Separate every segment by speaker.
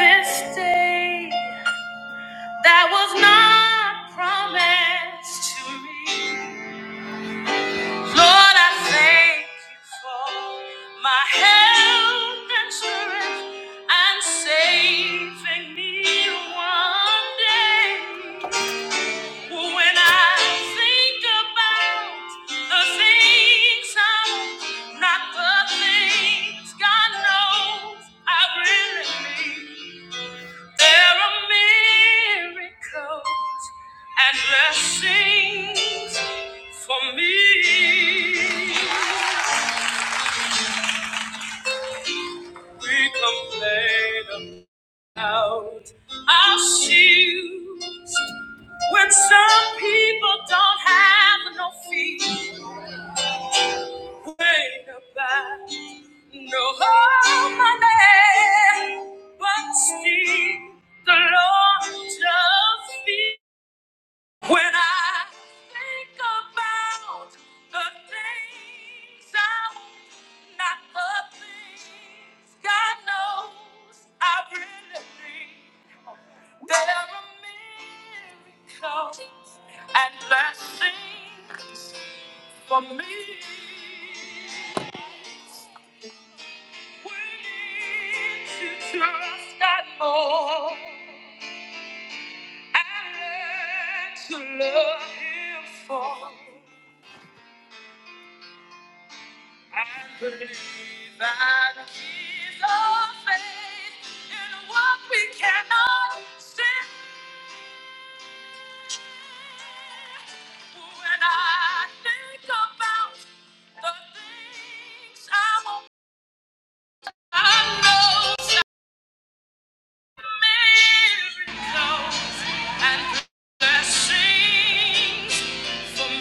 Speaker 1: This day that was not promised to me. Lord, I thank you for my health and strength and saving me one day. When I think about the things I'm not the things God knows I really need. There are miracles and blessings for me. We complain about our shoes when some people don't have no feet. Complain about no money, but still the Lord does feed. When I think about the things I want, not the things God knows I really need, there are miracles and blessings for me. We need to trust God more and learn to love Him for. I believe that he's a faith in what we cannot see. When I think about the things I want, I know miracles and blessings for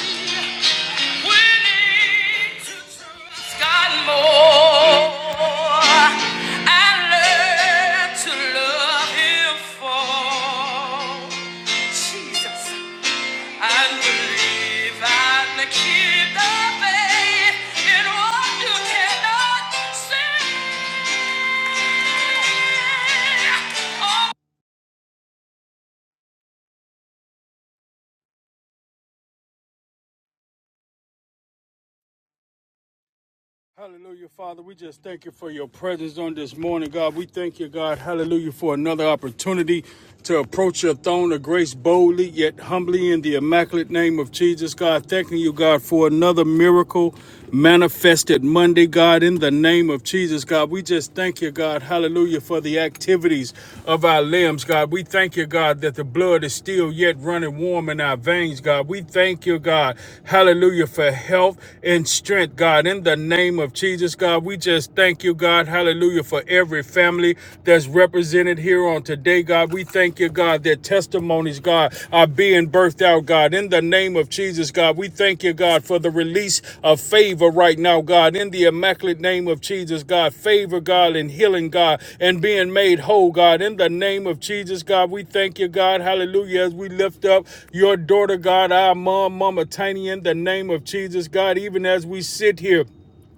Speaker 1: me. Willing to trust God more and learn to love Him for Jesus. And believe and keep the faith in what you cannot see. Hallelujah, Father. We just thank you for your presence on this morning, God. We thank you, God. Hallelujah, for another opportunity to approach your throne of grace boldly yet humbly in the immaculate name of Jesus, God. Thanking you, God, for another miracle manifested Monday, God, in the name of Jesus, God. We just thank you, God. Hallelujah, for the activities of our limbs, God. We thank you, God, that the blood is still yet running warm in our veins, God. We thank you, God. Hallelujah, for health and strength, God, in the name name of Jesus, God. We just thank you, God. Hallelujah. For every family that's represented here on today, God. We thank you, God, that testimonies, God, are being birthed out, God. In the name of Jesus, God, we thank you, God, for the release of favor right now, God. In the immaculate name of Jesus, God. Favor, God, and healing, God, and being made whole, God. In the name of Jesus, God, we thank you, God. Hallelujah. As we lift up your daughter, God, our mom, Mama Tiny, in the name of Jesus, God, even as we sit here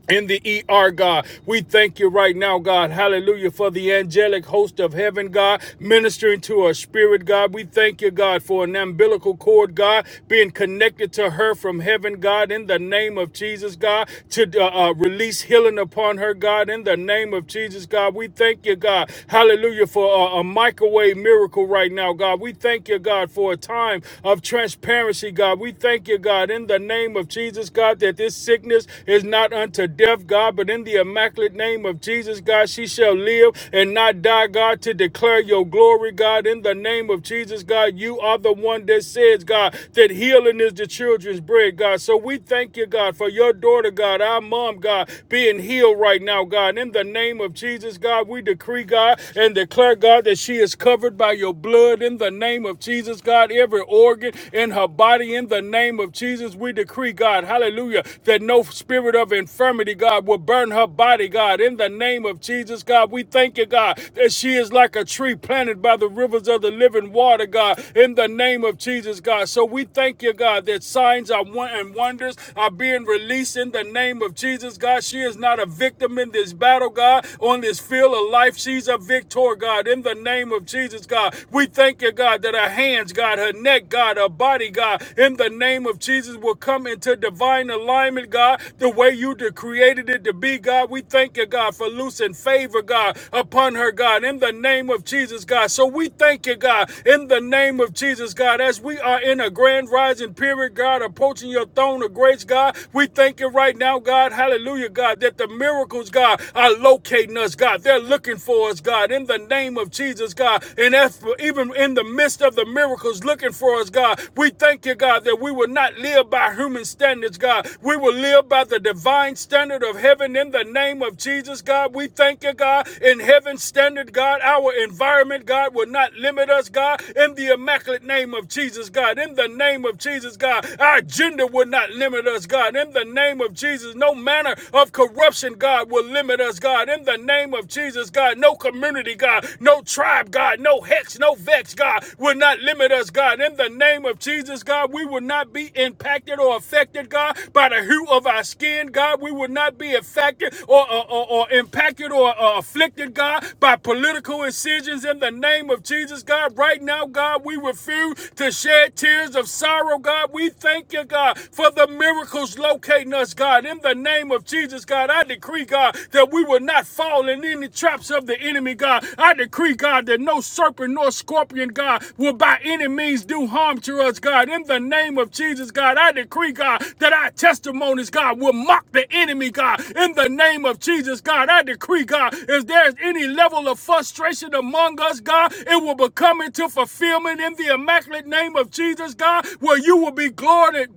Speaker 1: in the ER, God. We thank you right now, God. Hallelujah for the angelic host of heaven, God, ministering to her spirit, God. We thank you, God, for an umbilical cord, God, being connected to her from heaven, God, in the name of Jesus, God, to uh, uh, release healing upon her, God, in the name of Jesus, God. We thank you, God. Hallelujah for uh, a microwave miracle right now, God. We thank you, God, for a time of transparency, God. We thank you, God. God, in the name of Jesus, God, that this sickness is not unto death, God, but in the immaculate name of Jesus, God, she shall live and not die, God, to declare your glory, God, in the name of Jesus, God. You are the one that says, God, that healing is the children's bread, God. So we thank you, God, for your daughter, God, our mom, God, being healed right now, God. In the name of Jesus, God, we decree, God, and declare, God, that she is covered by your blood in the name of of Jesus, God. Every organ in her body, in the name of Jesus, we decree, God, hallelujah, that no spirit of infirmity, God, will burn her body, God. In the name of Jesus, God, we thank you, God, that she is like a tree planted by the rivers of the living water, God. In the name of Jesus, God. So we thank you, God, that signs are won- and wonders are being released in the name of Jesus, God. She is not a victim in this battle, God, on this field of life. She's a victim victor, God, in the name of Jesus, God. We thank you, God, that her hands, God, her neck, God, her body, God, in the name of Jesus, will come into divine alignment, God, the way you de- created it to be, God. We thank you, God, for loosing favor, God, upon her, God, in the name of Jesus, God. So we thank you, God, in the name of Jesus, God, as we are in a grand rising period, God, approaching your throne of grace, God. We thank you right now, God, hallelujah, God, that the miracles, God, are locating us, God. They're looking for us, God, in the name of Jesus, God. And as even in the midst of the miracles looking for us, God, we thank you, God, that we will not live by human standards, God. We will live by the divine standard of heaven in the name of Jesus, God. We thank you, God, in heaven's standard, God. Our environment, God, will not limit us, God, in the immaculate name of Jesus, God. In the name of Jesus, God, our agenda will not limit not limit us, God. In the name of Jesus, no manner of corruption, God, will limit us, God. In the name of Jesus, God, no community, God, no tribe, God, no hex, no vex, God, will not limit us, God. In the name of Jesus, God, we will not be impacted or affected, God, by the hue of our skin, God. We will not be affected or, or, or, or impacted or uh, afflicted, God, by political incisions in the name of Jesus, God. Right now, God, we refuse to shed tears of sorrow, God. We thank you, God, for the miracles locating us, God. In the name of Jesus, God, I decree, God, that we will not fall in any traps of the enemy, God. I decree, God, that no serpent nor scorpion, God, will by any means do harm to us, God. In the name of Jesus, God, I decree, God, that our testimonies, God, will mock the enemy, God. In the name of Jesus, God, I decree, God, if there's any level of frustration among among us, God. It will become into fulfillment in the immaculate name of Jesus, God, where you will be glorified,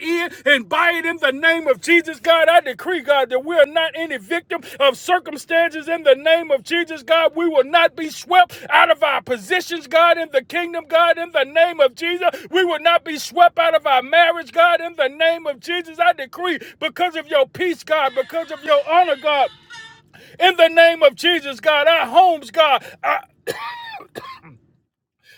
Speaker 1: in and by it in the name of Jesus, God. I decree, God, that we are not any victim of circumstances in the name of Jesus, God. We will not be swept out of our positions, God, in the kingdom, God, in the name of Jesus. We will not be swept out of our marriage, God, in the name of Jesus. I decree because of your peace, God, because of your honor, God. In the name of Jesus, God, our homes, God, our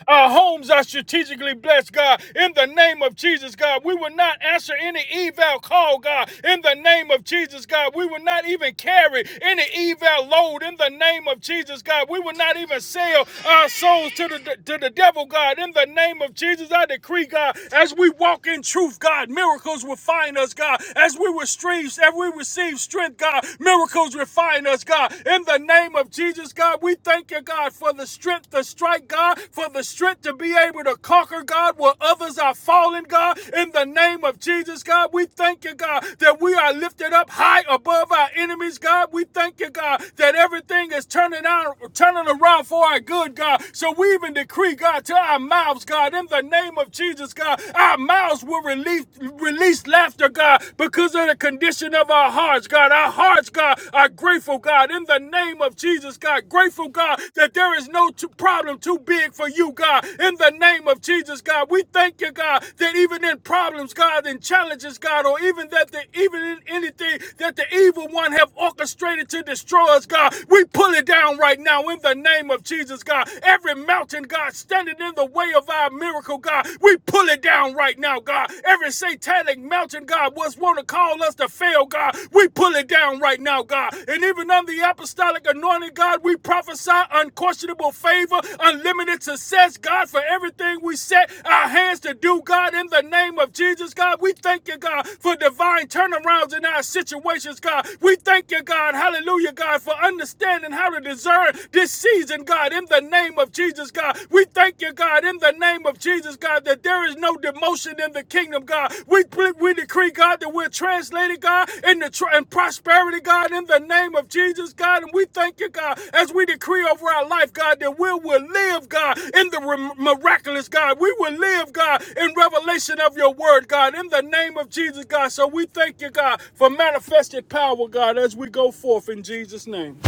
Speaker 1: our homes are strategically blessed, God. In the name of Jesus, God, we will not answer any eval call, God. In the name of Jesus, God, we will not even carry any eval load. In the name of Jesus, God, we will not even sell our souls to the to the devil, God. In the name of Jesus, I decree, God, as we walk in truth, God, miracles will find us, God. As we receive as we receive strength, God, miracles refine us, God. In the name of of Jesus, God, we thank you, God, for the strength to strike, God, for the strength to be able to conquer, God, where others are falling, God. In the name of Jesus, God, we thank you, God, that we are lifted up high above our enemies, God. We thank you, God, that everything is turning out, turning around for our good, God. So we even decree, God, to our mouths, God, in the name of Jesus, God, our mouths will release, release laughter, God, because of the condition of of our hearts, God. Our hearts, God, are grateful, God, in the name of Jesus, God. Grateful, God, that there is no t- problem too big for you, God, in the name of Jesus, God. We thank you, God, that even in problems, God, in challenges, God, or even that the, even in anything that the evil one have orchestrated to destroy us, God, we pull it down right now in the name of Jesus, God. Every mountain, God, standing in the way of our miracle, God, we pull it down right now now, God. Every satanic mountain, God, was want to call us to fail, God. We pull it down right now, God. And even on the apostolic anointing, God, we prophesy unquestionable favor, unlimited success, God, for everything we set our hands to do, God, in the name of Jesus, God. We thank you, God, for divine turnarounds in our situations, God. We thank you, God, hallelujah, God, for understanding how to discern this season, God, in the name of Jesus, God. God. We thank you, God, in the name of Jesus, God, that there is no demotion in the kingdom, God. We we decree, God, that we're translated, God, in the tr- in prosperity, God, in the name of Jesus, God. And we thank you, God, as we decree over our life, God, that we will live, God, in the miraculous, God. We will live, God, in revelation of your word, God, in the name of Jesus, God. So we thank you, God, for manifested power, God, as we go forth in Jesus' name.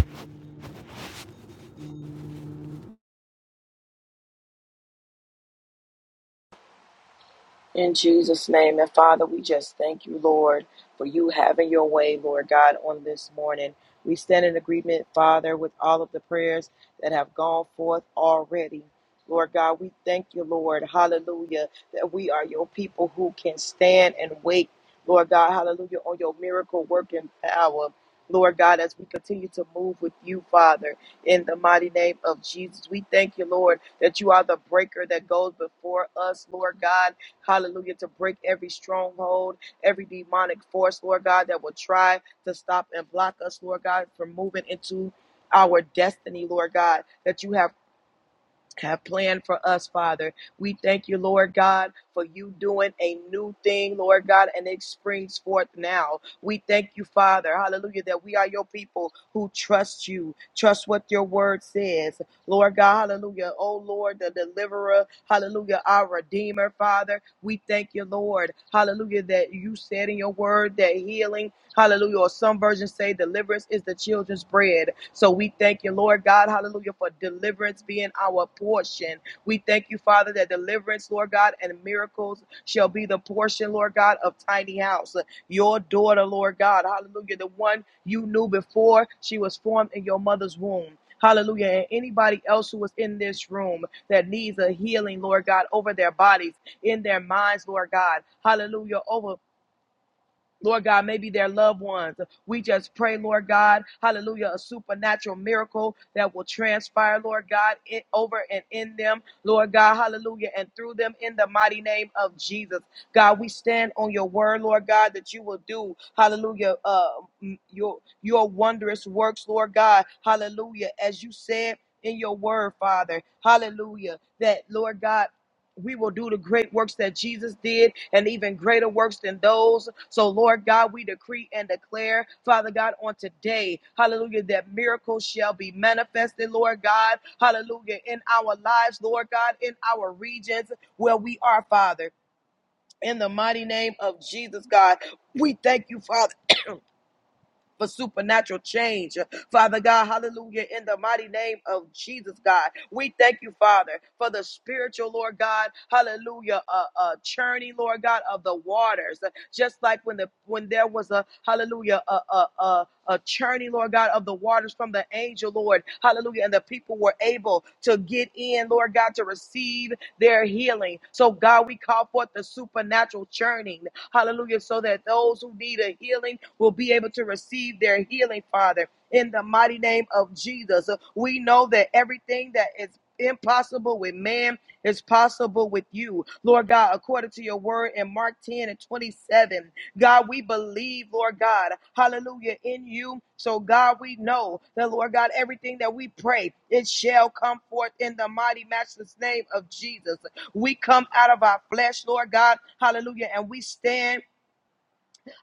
Speaker 2: In Jesus' name. And Father, we just thank you, Lord, for you having your way, Lord God, on this morning. We stand in agreement, Father, with all of the prayers that have gone forth already. Lord God, we thank you, Lord. Hallelujah. That we are your people who can stand and wait, Lord God. Hallelujah. On your miracle working power. Lord God, as we continue to move with you, Father, in the mighty name of Jesus, we thank you, Lord, that you are the breaker that goes before us, Lord God. Hallelujah. To break every stronghold, every demonic force, Lord God, that will try to stop and block us, Lord God, from moving into our destiny, Lord God, that you have have planned for us, Father. We thank you, Lord God, for you doing a new thing, Lord God, and it springs forth now. We thank you, Father, hallelujah, that we are your people who trust you, trust what your word says. Lord God, hallelujah. Oh, Lord, the deliverer, hallelujah, our redeemer, Father. We thank you, Lord, hallelujah, that you said in your word that healing Hallelujah. Or some versions say deliverance is the children's bread. So we thank you, Lord God. Hallelujah. For deliverance being our portion. We thank you, Father, that deliverance, Lord God, and miracles shall be the portion, Lord God, of Tiny House. Your daughter, Lord God. Hallelujah. The one you knew before she was formed in your mother's womb. Hallelujah. And anybody else who was in this room that needs a healing, Lord God, over their bodies, in their minds, Lord God. Hallelujah. Over Lord God, maybe their loved ones. We just pray, Lord God, hallelujah, a supernatural miracle that will transpire, Lord God, in, over and in them, Lord God, hallelujah, and through them in the mighty name of Jesus. God, we stand on your word, Lord God, that you will do, hallelujah, uh, m- your, your wondrous works, Lord God, hallelujah, as you said in your word, Father, hallelujah, that, Lord God, we will do the great works that Jesus did and even greater works than those. So, Lord God, we decree and declare, Father God, on today, hallelujah, that miracles shall be manifested, Lord God, hallelujah, in our lives, Lord God, in our regions where we are, Father. In the mighty name of Jesus, God, we thank you, Father. for supernatural change. Father God, hallelujah, in the mighty name of Jesus, God. We thank you, Father, for the spiritual, Lord God, hallelujah, uh, uh, churning, Lord God, of the waters. Just like when the when there was a hallelujah, a, a, a, a churning, Lord God, of the waters from the angel, Lord, hallelujah, and the people were able to get in, Lord God, to receive their healing. So, God, we call forth the supernatural churning. Hallelujah. So that those who need a healing will be able to receive their healing, Father. In the mighty name of Jesus, we know that everything that is impossible with man is possible with you. Lord God, according to your word in Mark 10 and 27, God, we believe, Lord God, hallelujah, in you. So, God, we know that, Lord God, everything that we pray, it shall come forth in the mighty, matchless name of Jesus. We come out of our flesh, Lord God, hallelujah, and we stand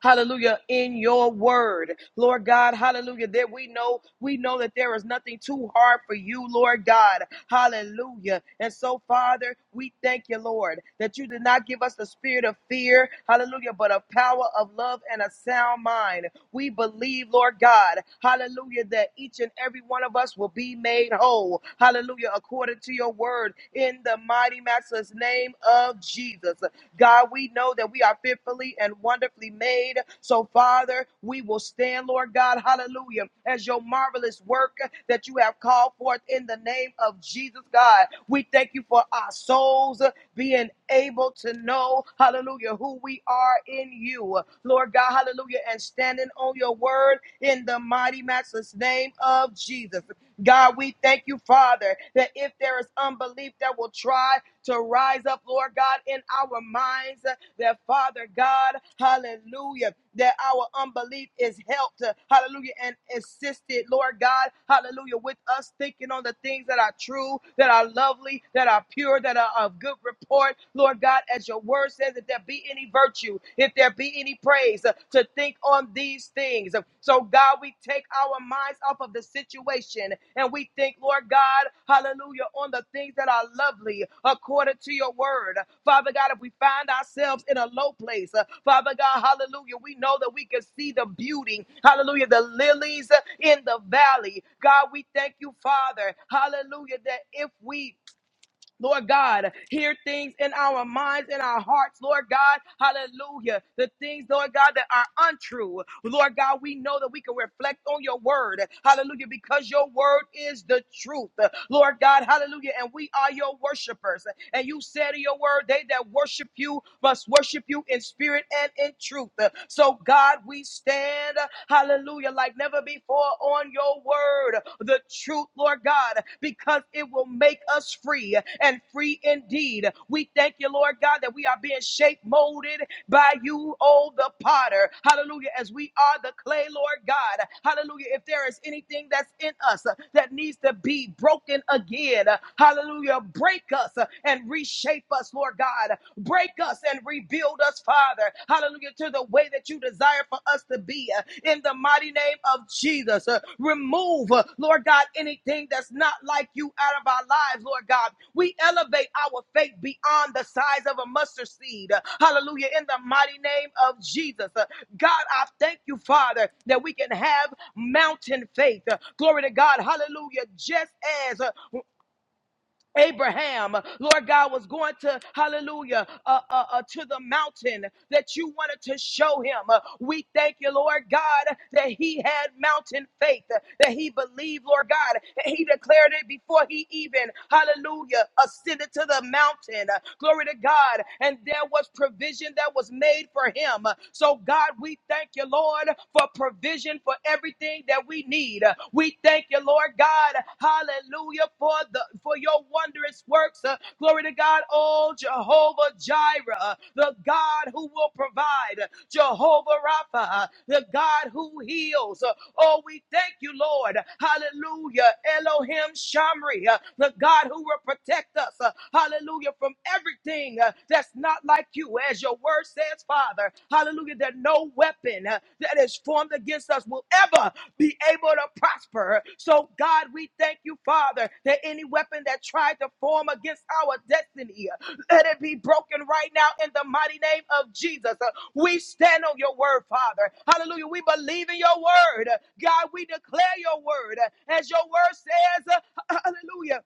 Speaker 2: hallelujah, in your word. Lord God, hallelujah, that we know, we know that there is nothing too hard for you, Lord God, hallelujah. And so, Father, we thank you, Lord, that you did not give us the spirit of fear, hallelujah, but a power of love and a sound mind. We believe, Lord God, hallelujah, that each and every one of us will be made whole, hallelujah, according to your word, in the mighty master's name of Jesus. God, we know that we are fearfully and wonderfully made. So, Father, we will stand, Lord God, hallelujah, as your marvelous work that you have called forth in the name of Jesus, God. We thank you for our souls being able to know, hallelujah, who we are in you, Lord God, hallelujah, and standing on your word in the mighty, matchless name of Jesus. God, we thank you, Father, that if there is unbelief that will try to rise up, Lord God, in our minds, uh, that Father God, hallelujah, that our unbelief is helped, uh, hallelujah, and assisted, Lord God, hallelujah, with us thinking on the things that are true, that are lovely, that are pure, that are of good report, Lord God, as your word says, if there be any virtue, if there be any praise, uh, to think on these things. So, God, we we take our minds off of the situation and we think, Lord God, hallelujah, on the things that are lovely according to your word. Father God, if we find ourselves in a low place, uh, Father God, hallelujah, we know that we can see the beauty, hallelujah, the lilies uh, in the valley. God, we thank you, Father, hallelujah, that if we Lord God, hear things in our minds, in our hearts, Lord God, hallelujah. The things, Lord God, that are untrue. Lord God, we know that we can reflect on your word, hallelujah, because your word is the truth. Lord God, hallelujah, and we are your worshipers. And you said in your word, they they that worship you must worship you in spirit and in truth. Uh, So, God, we stand, uh, hallelujah, like never before on your word, the truth, Lord God, because it will make us free uh, and free indeed. We thank you, Lord God, that we are being shaped, molded, by you, oh, the potter. Hallelujah. As we are the clay, Lord God. Hallelujah. If there is anything that's in us uh, that needs to be broken again, uh, hallelujah. Break us uh, and reshape us, Lord God. Break us and rebuild us, Father. Hallelujah. To the way that you desire for us to be. uh, In the mighty name name of Jesus. Uh, remove, uh, Lord God, anything that's not like you out of our lives, Lord God. We elevate our faith beyond the size of a mustard seed. Uh, hallelujah. In the mighty name of Jesus. Uh, God, I thank you, Father, that we can have mountain faith. Uh, glory to God. Hallelujah. Just as uh, Abraham, Lord God, was going to, hallelujah, uh, uh, uh, to the mountain that you wanted to show him. Uh, we thank you, Lord God, that he had mountain faith, uh, that he believed, Lord God, and he declared it before he even, hallelujah, ascended to the mountain. Uh, glory to God. And there was provision that was made for him for him. So, God, we thank you, Lord, for provision for everything that we need. We thank you, Lord God, hallelujah, for the for your wondrous works. Uh, Glory to God, oh Jehovah Jireh, uh, the God who will provide, Jehovah Rapha, uh, the God who heals. Uh, Oh, we thank you, Lord. Hallelujah. Elohim Shamri, uh, the God who will protect us. uh, Hallelujah. From everything uh, that's not like you. As your word says, Father. Hallelujah. That no weapon uh, that is formed against us will ever be able to prosper. So, God, we thank you, Father, that any weapon that tried to form against our destiny, uh, let it be broken right now in the mighty name of Jesus. Uh, We stand on your word, Father. Hallelujah. We believe in your word. God, we declare your word. As your word says, uh, hallelujah.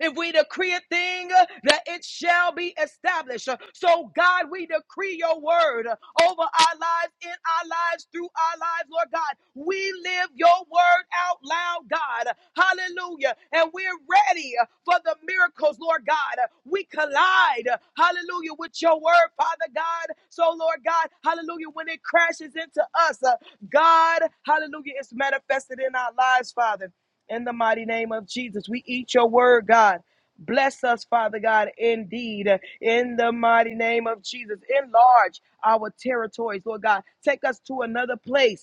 Speaker 2: If we decree a thing, uh, that it shall be established. Uh, So, God, we decree your word uh, over our lives, in our lives, through our lives, Lord God. We live your word out loud, God. Hallelujah. And we're ready uh, for the miracles, Lord God. Uh, We collide, uh, hallelujah, with your word, Father God. So, Lord God, hallelujah, when it crashes into us, uh, God, hallelujah, it's manifested in our lives, Father in the mighty name of Jesus. We eat your word, God. Bless us, Father God, indeed, in the mighty name of Jesus. Enlarge our territories, Lord God. Take us to another place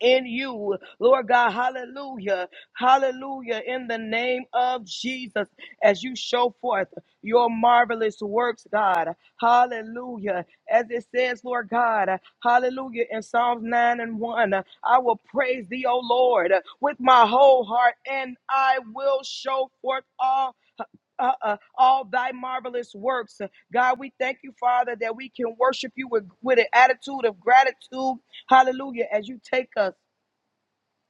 Speaker 2: in you, Lord God. Hallelujah. Hallelujah. In the name of Jesus, as you show forth your marvelous works, God. Hallelujah. As it says, Lord God, hallelujah. In Psalms 9 and 1, I will praise thee, O Lord, with my whole heart, and I will show forth all uh, uh, uh, all thy marvelous works. God, we thank you, Father, that we can worship you with, with an attitude of gratitude Hallelujah. As you take us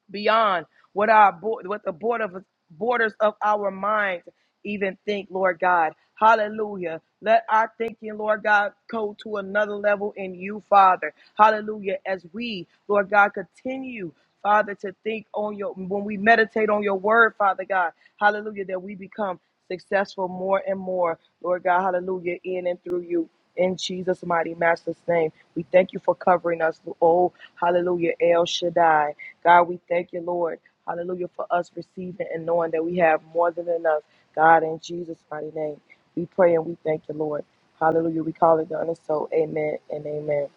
Speaker 2: beyond what our bo- what the border borders of our minds even think, Lord God. Hallelujah. Let our thinking, Lord God, go to another level in you, Father. Hallelujah. As we, Lord God, continue, Father, to think on your when we meditate on your word, Father God. Hallelujah. That we become successful more and more, Lord God. Hallelujah. In and through you. In Jesus' mighty master's name, we thank you for covering us. Oh, hallelujah, El Shaddai. God, we thank you, Lord. Hallelujah for us receiving and knowing that we have more than enough. God, in Jesus' mighty name, we pray and we thank you, Lord. Hallelujah. We call it done and so. Amen and amen.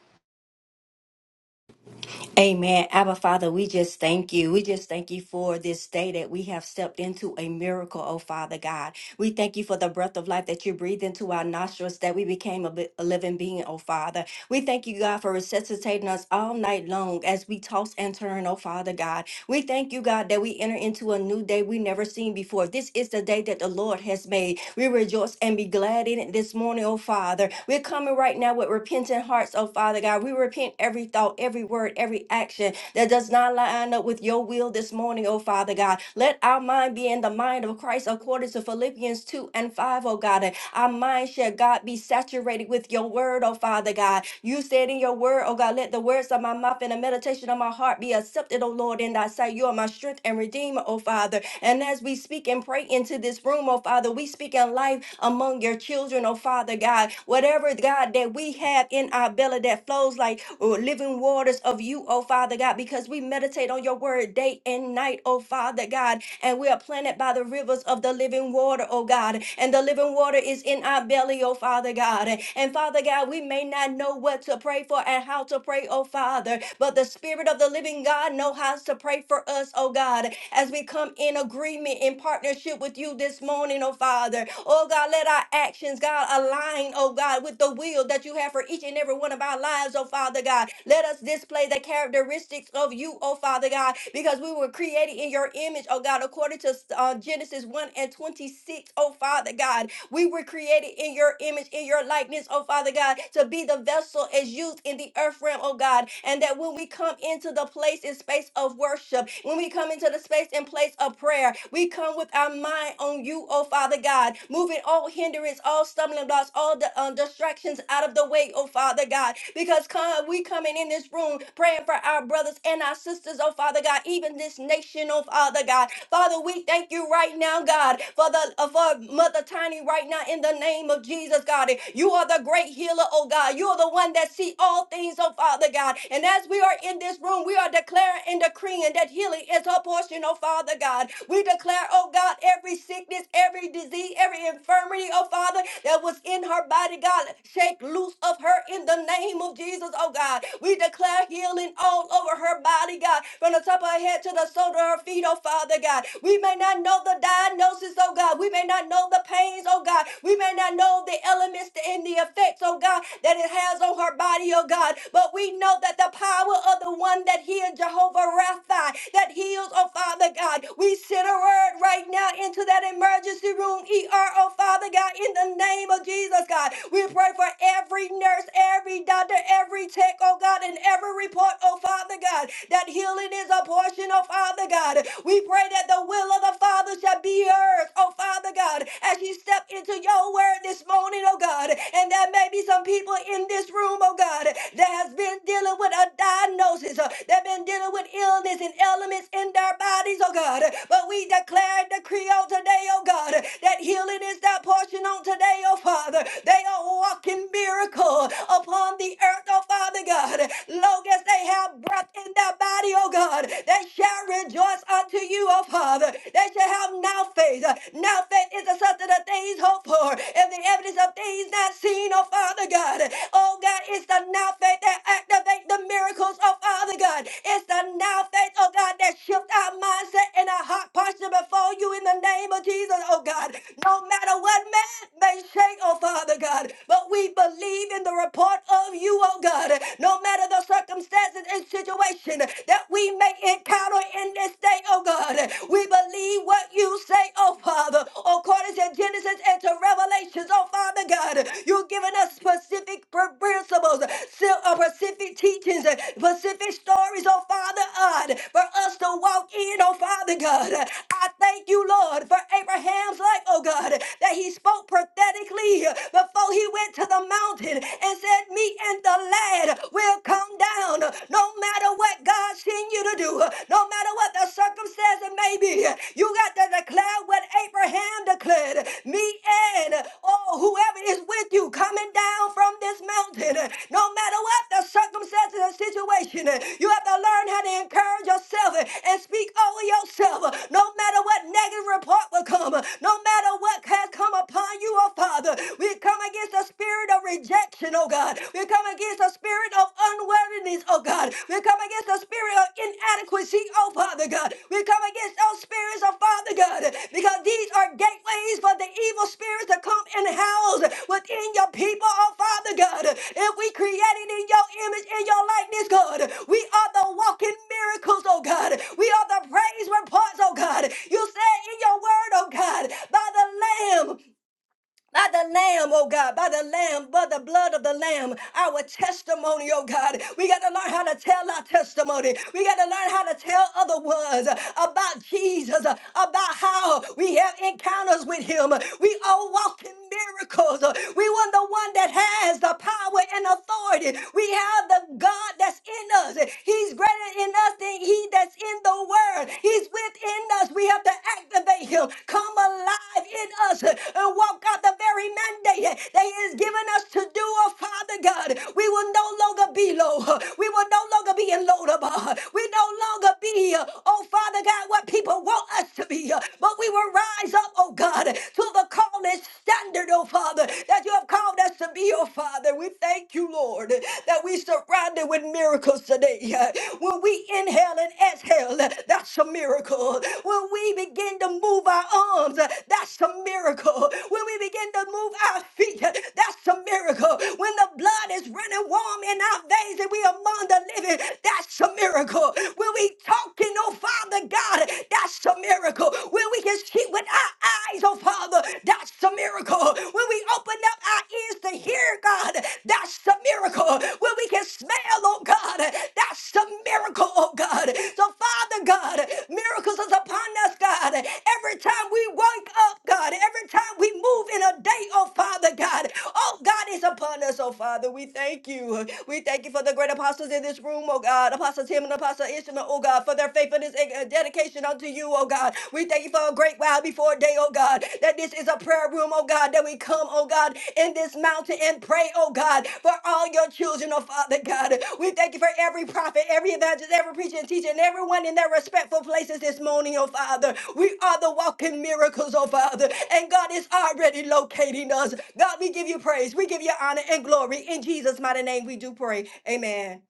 Speaker 3: Amen. Abba Father, we just thank you. We just thank you for this day that we have stepped into a miracle, oh Father God. We thank you for the breath of life that you breathed into our nostrils, that we became a, bi- a living being, oh Father. We thank you, God, for resuscitating us all night long as we toss and turn, oh Father God. We thank you, God, that we enter into a new day we never seen before. This is the day that the Lord has made. We rejoice and be glad in it this morning, oh Father. We're coming right now with repentant hearts, oh Father God. We repent every thought, every word, every action that does not line up with your will this morning, oh Father God. Let our mind be in the mind of Christ according to Philippians 2 and 5, O God. And Our mind shall, God, be saturated with your word, oh Father God. You said in your word, oh God, let the words of my mouth and the meditation of my heart be accepted, oh Lord, in thy sight. You are my strength and redeemer, oh Father. And as we speak and pray into this room, oh Father, we speak in life among your children, oh Father God. Whatever, God, that we have in our belly that flows like oh, living waters of you, oh Father God, because we meditate on your word day and night, oh Father God. And we are planted by the rivers of the living water, oh God. And the living water is in our belly, daily, oh Father God. And Father God, we may not know what to pray for and how to pray, oh Father, but the Spirit of the living God knows how to pray for us, oh God, as we come in agreement, in partnership with you this morning, oh Father. Oh God, let our actions, God, align, oh God, with the will that you have for each and every one of our lives, oh Father God. Let us display the characteristics of you, oh Father God, because we were created in your image, oh God, according to uh, Genesis 1 and 26, O Father God. We were created in your image, in your likeness, oh Father God, to be the vessel as used in the earth realm, oh God. And that when we come into the place and space of worship, when we come into the space and place of prayer, we come with our mind on you, oh Father God, moving all hindrance, all stumbling blocks, all the um, distractions out of the way, oh Father God. Because come, we coming in this room praying for our brothers and our sisters, oh Father God, even this nation, oh Father God. Father, we thank you right now, God, for the uh, for Mother Tiny right now in the name of Jesus, God. You are the great healer, oh God. You are the one that see all things, oh Father God. And as we are in this room, we are declaring and decreeing that healing is her portion, oh Father God. We declare, oh God, every sickness, every disease, every infirmity, oh Father, that was in her body, God, shake loose of her in the name of Jesus, oh God. We declare healing all over her body, God, from the top of her head to the sole of her feet, oh Father God. God. We may not know the diagnosis, oh God. We may not know the pains, oh God. We may not know the elements and the effects, oh God, that it has on her body, oh God. But we know that the power of the one that healed Jehovah Rapha, that heals, oh Father God. We send a word right now into that emergency room, ER, oh Father God, in the name of Jesus, God. We pray for every nurse, every doctor, every tech, oh God, and every report, oh Father God, that healing is a portion, vision, oh Father God. We pray that the will of the Father shall be yours, oh Father God, as you step into your word this morning, oh God. And there may be some people in this room, oh God, that has been dealing with a diagnosis, uh, that been dealing with illness and elements in their bodies, oh God. But we declare and decree on today, oh God, that healing is their portion on today, oh Father. They are walking miracle upon the earth, oh Father God. Long as they have breath in their body, oh God. that shall rejoice unto you, oh Father. They shall have now faith. Now faith is the substance of things hoped for and the evidence of things not seen, oh Father God. Oh God, it's the now faith that activates the miracles, oh Father God. It's the now faith, oh God, that shifts our mindset and our heart posture before you in the name of Jesus, oh God. No matter what man may say, oh Father God, but we believe in the report of you, oh God. No no matter the circumstances and situation that we may encounter in this day, oh God. We believe what you say, oh Father, according to Genesis and to Revelations, oh Father God. You've given us specific pr- principles, sil- uh, specific teachings, uh, specific stories, oh Father God, for us to walk in, oh Father God. I thank you, Lord, for Abraham's life, oh God, that he spoke prophetically before he went to the mountain and as that said, Me and the lad will come down. No matter what God sent you to do, no matter what the circumstance it may be, you got to declare what Abraham declared. Me and oh, whoever is with you coming down from this mountain, no matter what the circumstances and situation, you have to learn how to encourage yourself and speak over yourself. No matter what negative report will come, no matter what has come upon you, oh Father, we come come against the spirit of rejection, oh God. We come against the spirit of unworthiness, oh God. We come against the spirit of inadequacy, oh Father God. We come against those spirits, oh Father God, because these are gateways for the evil spirits to come and house within your people, oh Father God. If we created in your image, in your likeness, God, we are the walking miracles, oh God. We are the praise reports, oh God. You said in your word, oh God, by the Lamb by the lamb, oh God, by the lamb, by the blood of the lamb, our testimony, oh God. We got to learn how to tell our testimony. We got to learn how to tell other ones about Jesus, about how we have encounters with him. We all walk in miracles. We want the one that has the power and authority. We have the God that's in us. He's greater in us than he that's in the world. He's with within us. We have to activate him, come alive in us, uh, and walk out the very mandate that he has given us to do, oh Father God. We will no longer be low. We will no longer be in Lodabar. We no longer be, uh, oh Father God, what people want us to be. uh, But we will rise up, oh God, to the call and standard, oh Father, that you have called us to be, oh Father. We thank you, Lord, that we surrender Sunday with miracles today. When we inhale and exhale, that's a miracle. When we begin to move our arms, that's a miracle. When we begin to move our feet, that's a miracle. When the blood is running warm in our veins and we are among the living, that's a miracle. When we talking, oh Father God, that's a miracle. When we can see with our eyes, oh Father, that's a miracle. When we open up our ears to hear, God, that's a miracle. When we can smell, oh God, that's a miracle, oh God. So, Father God, miracles is upon us, God. Every time we wake up, God, every time we move in a day, oh Father God, oh God is upon us, oh Father. We thank you. We thank you for the great apostles in this room, oh God. Apostle Tim and Apostle Ishmael, oh God, for their faithfulness and uh, dedication unto you you, oh God. We thank you for a great while before day, oh God, that this is a prayer room, oh God, that we come, oh God, in this mountain and pray, oh God, for all your children, oh Father God. We thank you for every prophet, every evangelist, every preacher and teacher, and everyone in their respectful places this morning, oh Father. We are the walking miracles, oh Father, and God is already locating us. God, we give you praise, we give you honor and glory. In Jesus' mighty name, we do pray. Amen.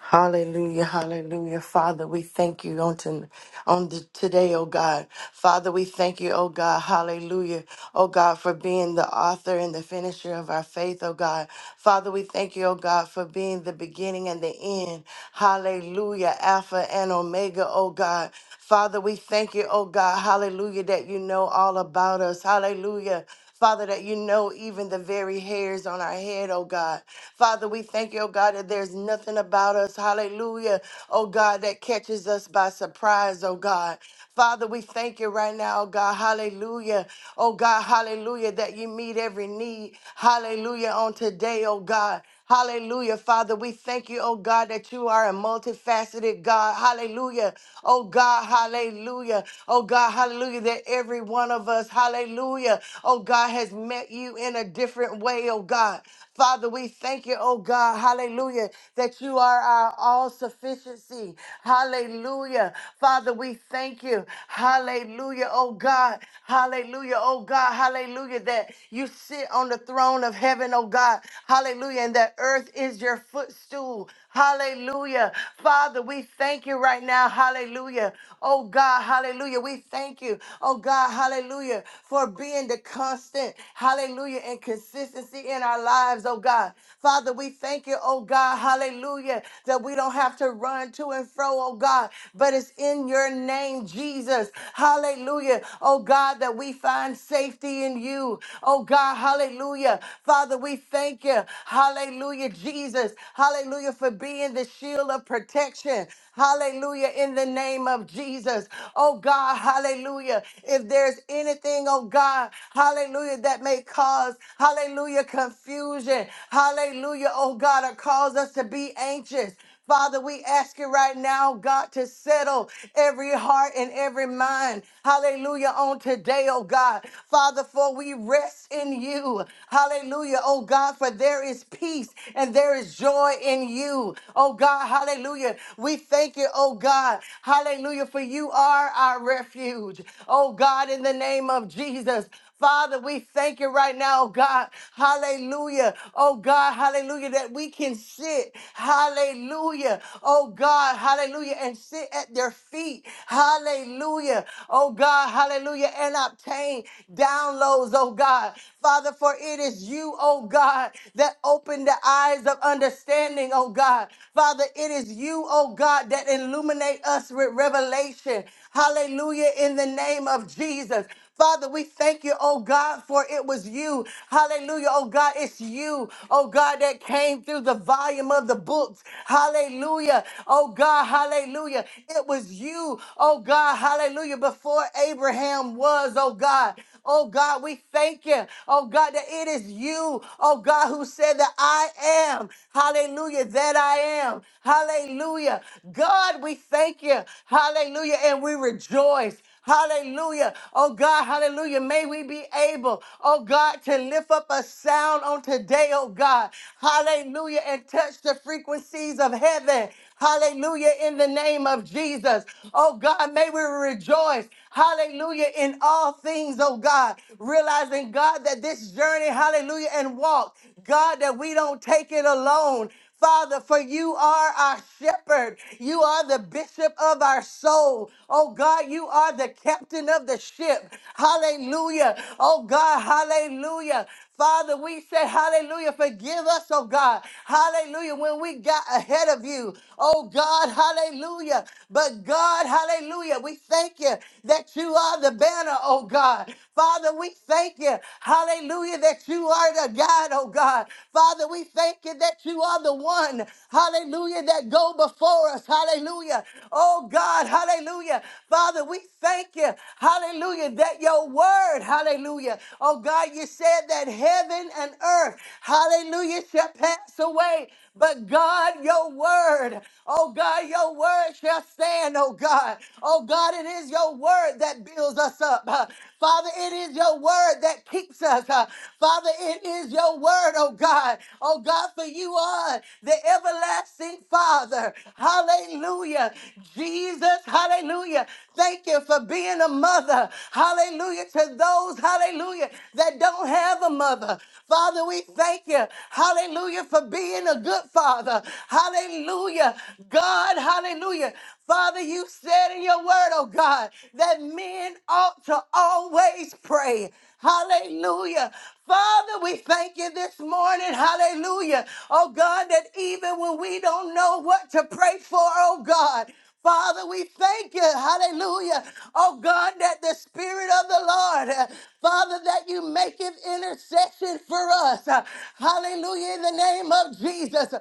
Speaker 4: Hallelujah, hallelujah. Father, we thank you on, to, on the, today, oh God. Father, we thank you, oh God, hallelujah, oh God, for being the author and the finisher of our faith, oh God. Father, we thank you, oh God, for being the beginning and the end. Hallelujah, Alpha and Omega, oh God. Father, we thank you, oh God, hallelujah, that you know all about us. Hallelujah. Father, that you know even the very hairs on our head, oh God. Father, we thank you, oh God, that there's nothing about us, hallelujah, oh God, that catches us by surprise, oh God. Father, we thank you right now, oh God, hallelujah, oh God, hallelujah, that you meet every need, hallelujah, on today, oh God. Hallelujah, Father. We thank you, oh God, that you are a multifaceted God. Hallelujah. Oh God, hallelujah. Oh God, hallelujah. That every one of us, us, hallelujah, oh God, has met you in a different way, oh God. Father, we thank you, oh God, hallelujah, that you are our all sufficiency, hallelujah. Father, we thank you, hallelujah, oh God, hallelujah, oh God, hallelujah, that you sit on the throne of heaven, oh God, hallelujah, and that earth is your footstool, Hallelujah. Father, we thank you right now. Hallelujah. Oh God, hallelujah. We thank you. Oh God, hallelujah, for being the constant, hallelujah, and consistency in our lives, oh God. Father, we thank you, oh God, hallelujah, that we don't have to run to and fro, oh God, but it's in your name, Jesus. Hallelujah. Oh God, that we find safety in you. Oh God, hallelujah. Father, we thank you. Hallelujah, Jesus. Hallelujah. Hallelujah. For being the shield of protection. Hallelujah. In the name of Jesus. Oh God. Hallelujah. If there's anything, oh God. Hallelujah. That may cause, hallelujah, confusion. Hallelujah. Oh God. Or cause us to be anxious. Father, we ask you right now, God, to settle every heart and every mind. Hallelujah. On today, oh God. Father, for we rest in you. Hallelujah. Oh God, for there is peace and there is joy in you. Oh God, hallelujah. We thank you, oh God. Hallelujah. For you are our refuge. Oh God, in the name of Jesus. Father, we thank you right now, oh God. Hallelujah. Oh God, hallelujah, that we can sit. Hallelujah. Oh God, hallelujah, and sit at their feet. Hallelujah. Oh God, hallelujah, and obtain downloads, oh God. Father, for it is you, oh God, that opened the eyes of understanding, oh God. Father, it is you, oh God, that illuminate us with revelation. Hallelujah, in the name of Jesus. Father, we thank you, oh God, for it was you. Hallelujah, oh God, it's you, oh God, that came through the volume of the books. Hallelujah, oh God, hallelujah. It was you, oh God, hallelujah, before Abraham was, oh God. Oh God, we thank you. Oh God, that it is you, oh God, who said that I am. Hallelujah, that I am. Hallelujah. God, we thank you. Hallelujah. And we rejoice. Hallelujah. Oh God, hallelujah. May we be able, oh God, to lift up a sound on today, oh God. Hallelujah. And touch the frequencies of heaven. Hallelujah. In the name of Jesus. Oh God, may we rejoice. Hallelujah. In all things, oh God. Realizing, God, that this journey, hallelujah, and walk, God, that we don't take it alone. Father, for you are our shepherd. You are the bishop of our soul. Oh God, you are the captain of the ship. Hallelujah. Oh God, hallelujah. Father, we say hallelujah. Forgive us, oh God. Hallelujah. When we got ahead of you, oh God, hallelujah. But God, hallelujah. We thank you that you are the banner, oh God. Father, we thank you. Hallelujah. That you are the God, oh God. Father, we thank you that you are the one, hallelujah, that go before us, hallelujah. Oh God, hallelujah. Father, we thank you, hallelujah, that your word, hallelujah. Oh God, you said that heaven and earth, hallelujah, shall pass away. But God, your word, Oh God, your word shall stand, oh God. Oh God, it is your word that builds us up. Uh, Father, it is your word that keeps us. Uh, Father, it is your word, oh God. Oh God, for you are the everlasting Father. Hallelujah. Jesus, hallelujah. Thank you for being a mother. Hallelujah to those, hallelujah, that don't have a mother. Father, we thank you. Hallelujah for being a good father. Hallelujah. God, hallelujah. Father, you said in your word, oh God, that men ought to always pray. Hallelujah. Father, we thank you this morning. Hallelujah. Oh God, that even when we don't know what to pray for, oh God, Father, we thank you, hallelujah, oh God, that the Spirit of the Lord, uh, Father, that you make it intercession for us, Uh, hallelujah, in the name of Jesus.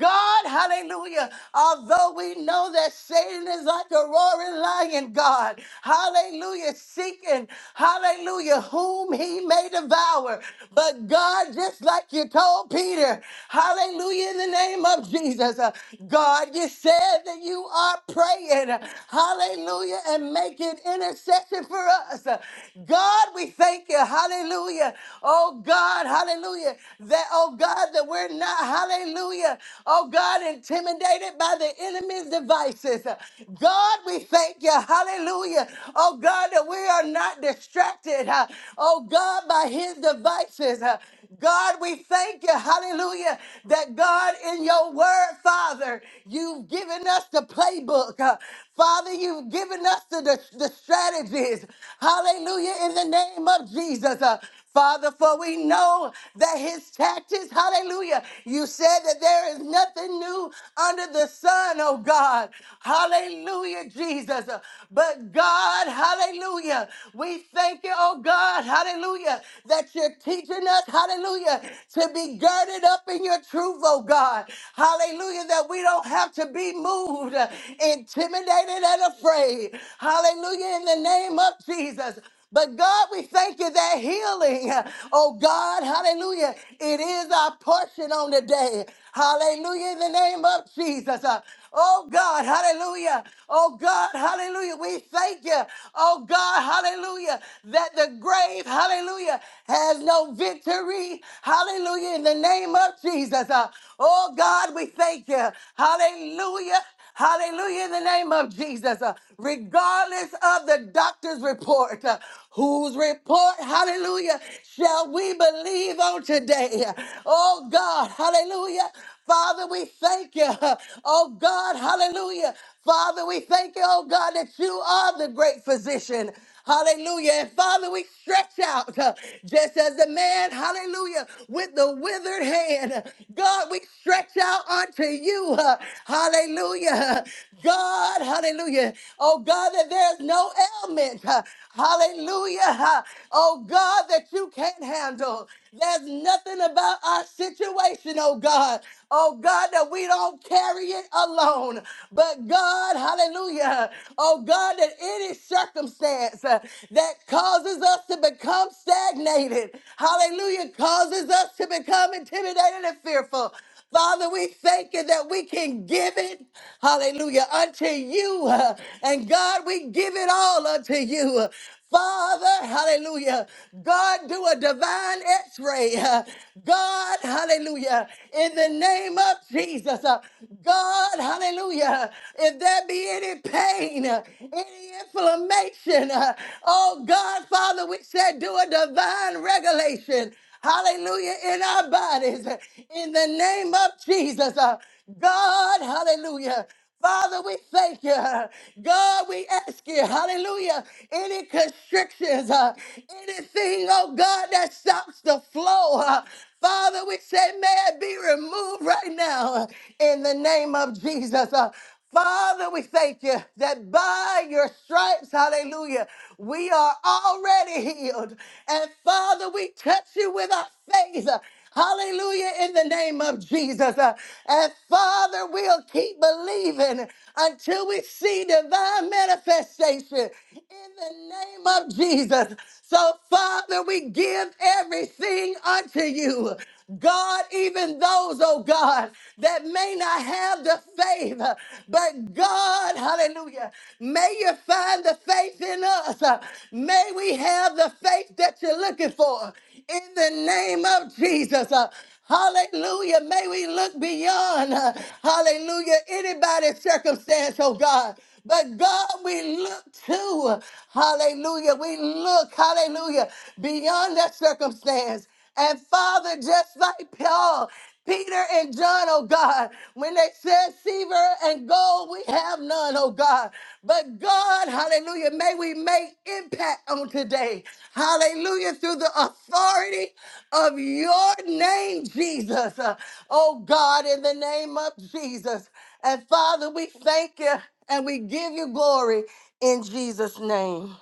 Speaker 4: God, hallelujah, although we know that Satan is like a roaring lion, God, hallelujah, seeking, hallelujah, whom he may devour. But God, just like you told Peter, hallelujah, in the name of Jesus, uh, God, you said, whether you are praying, hallelujah, and making intercession for us. God, we thank you, hallelujah. Oh God, hallelujah, that, oh God, that we're not, hallelujah, oh God, intimidated by the enemy's devices. God, we thank you, hallelujah, oh God, that we are not distracted, huh, oh God, by his devices. huh. God, we thank you, hallelujah, that God, in your word, Father, you've given us the playbook. Uh, Father, you've given us the, the, the strategies. Hallelujah, in the name of Jesus. Uh, Father, for we know that his tactics, hallelujah, you said that there is nothing new under the sun, oh God. Hallelujah, Jesus. Uh, But God, hallelujah, we thank you, oh God, hallelujah, that you're teaching us us, hallelujah, to be girded up in your truth, oh God. Hallelujah, that we don't have to be moved, uh, intimidated, and afraid. Hallelujah, in the name of Jesus. But God, we thank you that healing, uh, oh God, hallelujah, it is our portion on the day. Hallelujah in the name of Jesus. Uh, Oh God, hallelujah. Oh God, hallelujah. We thank you. Oh God, hallelujah. That the grave, hallelujah, has no victory. Hallelujah in the name of Jesus. Uh, Oh God, we thank you. Hallelujah. Hallelujah in the name of Jesus. Uh, regardless of the doctor's report, uh, whose report, hallelujah, shall we believe on today? Oh God, hallelujah. Father, we thank you. Oh God, hallelujah. Father, we thank you, oh God, that you are the great physician. Hallelujah. And Father, we stretch out uh, just as the man, hallelujah, with the withered hand. God, we stretch out unto you. uh, Hallelujah. God, hallelujah. Oh God, that there's no ailment. uh, Hallelujah. Oh God, that you can't handle. There's nothing about our situation, oh God. Oh God, that we don't carry it alone. But God, hallelujah. Oh God, that any circumstance uh, that causes us to become stagnated, hallelujah, causes us to become intimidated and fearful. Father, we thank you that we can give it, hallelujah, unto you. And God, we give it all unto you. Father, hallelujah. God, do a divine x ray. God, hallelujah. In the name of Jesus, uh, God, hallelujah. If there be any pain, uh, any inflammation, uh, oh God, Father, we said do a divine regulation hallelujah, in our bodies. In the name of Jesus, uh, God, hallelujah. Father, we thank you. God, we ask you, hallelujah, any constrictions, uh, anything, oh God, that stops the flow. uh, Father, we say, may it be removed right now uh, in the name of Jesus. Uh, Father, we thank you that by your stripes, hallelujah, we are already healed. And Father, we touch you with our faith. Hallelujah, in the name of Jesus. Uh, And Father, we'll keep believing until we see divine manifestation in the name of Jesus. So, Father, we give everything unto you. God, even those, oh God, that may not have the faith, uh, but God, hallelujah, may you find the faith in us. Uh, May we have the faith that you're looking for in the name of Jesus. Uh, Hallelujah. May we look beyond, uh, hallelujah, anybody's circumstance, oh God. But God, we look to, hallelujah, we look, hallelujah, beyond that circumstance and Father, just like Paul, Peter and John, oh God, when they said silver and gold, we have none, oh God. But God, hallelujah, may we make impact on today. Hallelujah, through the authority of your name, Jesus. Uh, Oh God, in the name of Jesus. And Father, we thank you and we give you glory in Jesus' name.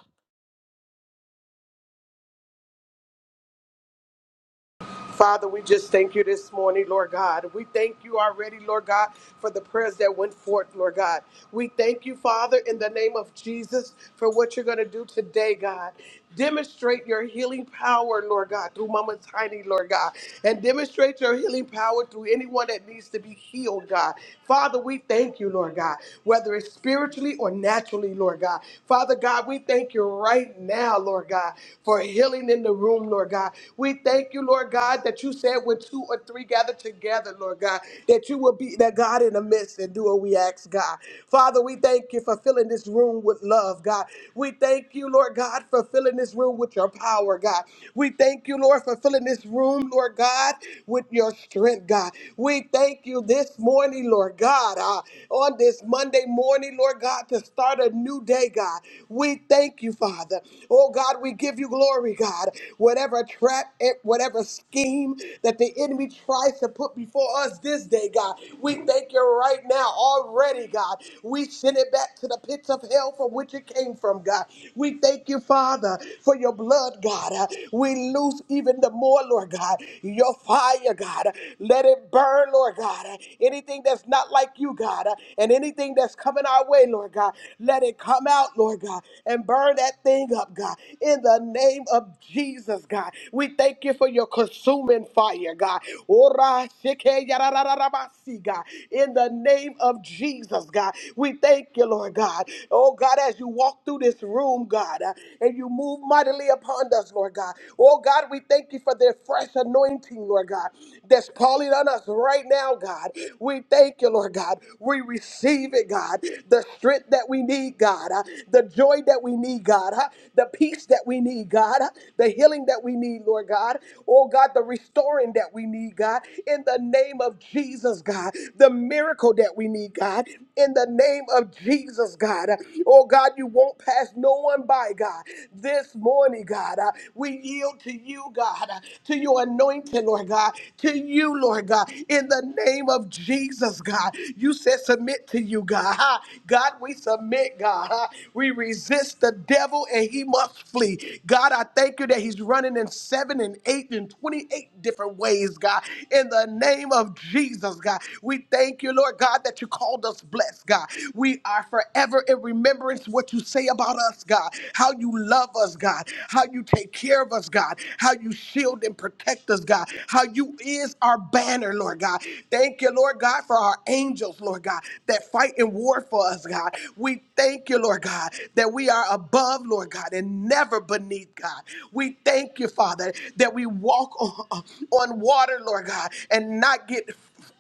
Speaker 5: Father, we just thank you this morning, Lord God. We thank you already, Lord God, for the prayers that went forth, Lord God. We thank you, Father, in the name of Jesus, for what you're going to do today, God. Demonstrate your healing power, Lord God, through Mama Tiny, Lord God, and demonstrate your healing power through anyone that needs to be healed, God. Father, we thank you, Lord God, whether it's spiritually or naturally, Lord God. Father God, we thank you right now, Lord God, for healing in the room, Lord God. We thank you thank you, Lord God, that you said when two or three gather together, Lord God, that you will be that God in the midst and do what we ask, God. Father, we thank you for filling this room with love, God. We thank you, Lord God, for filling this room with your power, God. We thank you, Lord, for filling this room, Lord God, with your strength, God. We thank you this morning, Lord God, uh, on this Monday morning, Lord God, to start a new day, God. We thank you, Father. Oh, God, we give you glory, God. Whatever trap, at whatever scheme that the enemy tries to put before us this day, God. We thank you right now already, God. We send it back to the pits of hell from which it came from, God. We thank you, Father, for your blood, God. Uh, We loose even the more, Lord God, your fire, God. Let it burn, Lord God. Uh, Anything that's not like you, God, uh, and anything that's coming our way, Lord God, let it come out, Lord God, and burn that thing up, God. In the name of Jesus. Jesus, God. We thank you for your consuming fire, God. Ora shike yarararabasi, God. In the name of Jesus, God. We thank you, Lord God. Oh, God, as you walk through this room, God, uh, and you move mightily upon us, Lord God. Oh, God, we thank you for the fresh anointing, Lord God, that's calling on us right now, God. We thank you, Lord God. We receive it, God. The strength that we need, God. uh, The joy that we need, God. uh, The peace that we need, God. Uh, the healing that we need, Lord God. Oh God, the restoring that we need, God, in the name of Jesus, God, the miracle that we need, God, in the name of Jesus, God. Oh God, you won't pass no one by, God. This morning, God, uh, we yield to you, God, uh, to your anointing, Lord God, to you, Lord God, in the name of Jesus, God. You said submit to you, God. Ha. God, we submit, God. Ha. We resist the devil and he must flee. God, I thank you that he's running in seven and eight and 28 different ways, God. In the name of Jesus, God, we thank you, Lord God, that you called us blessed, God. We are forever in remembrance what you say about us, God, how you love us, God, how you take care of us, God, how you shield and protect us, God, how you is our banner, Lord God. Thank you, Lord God, for our angels, Lord God, that fight in war for us, God. We thank you, Lord God, that we are above, Lord God, and and never beneath, God. We thank you, Father, that we walk on, on water, Lord God, and not get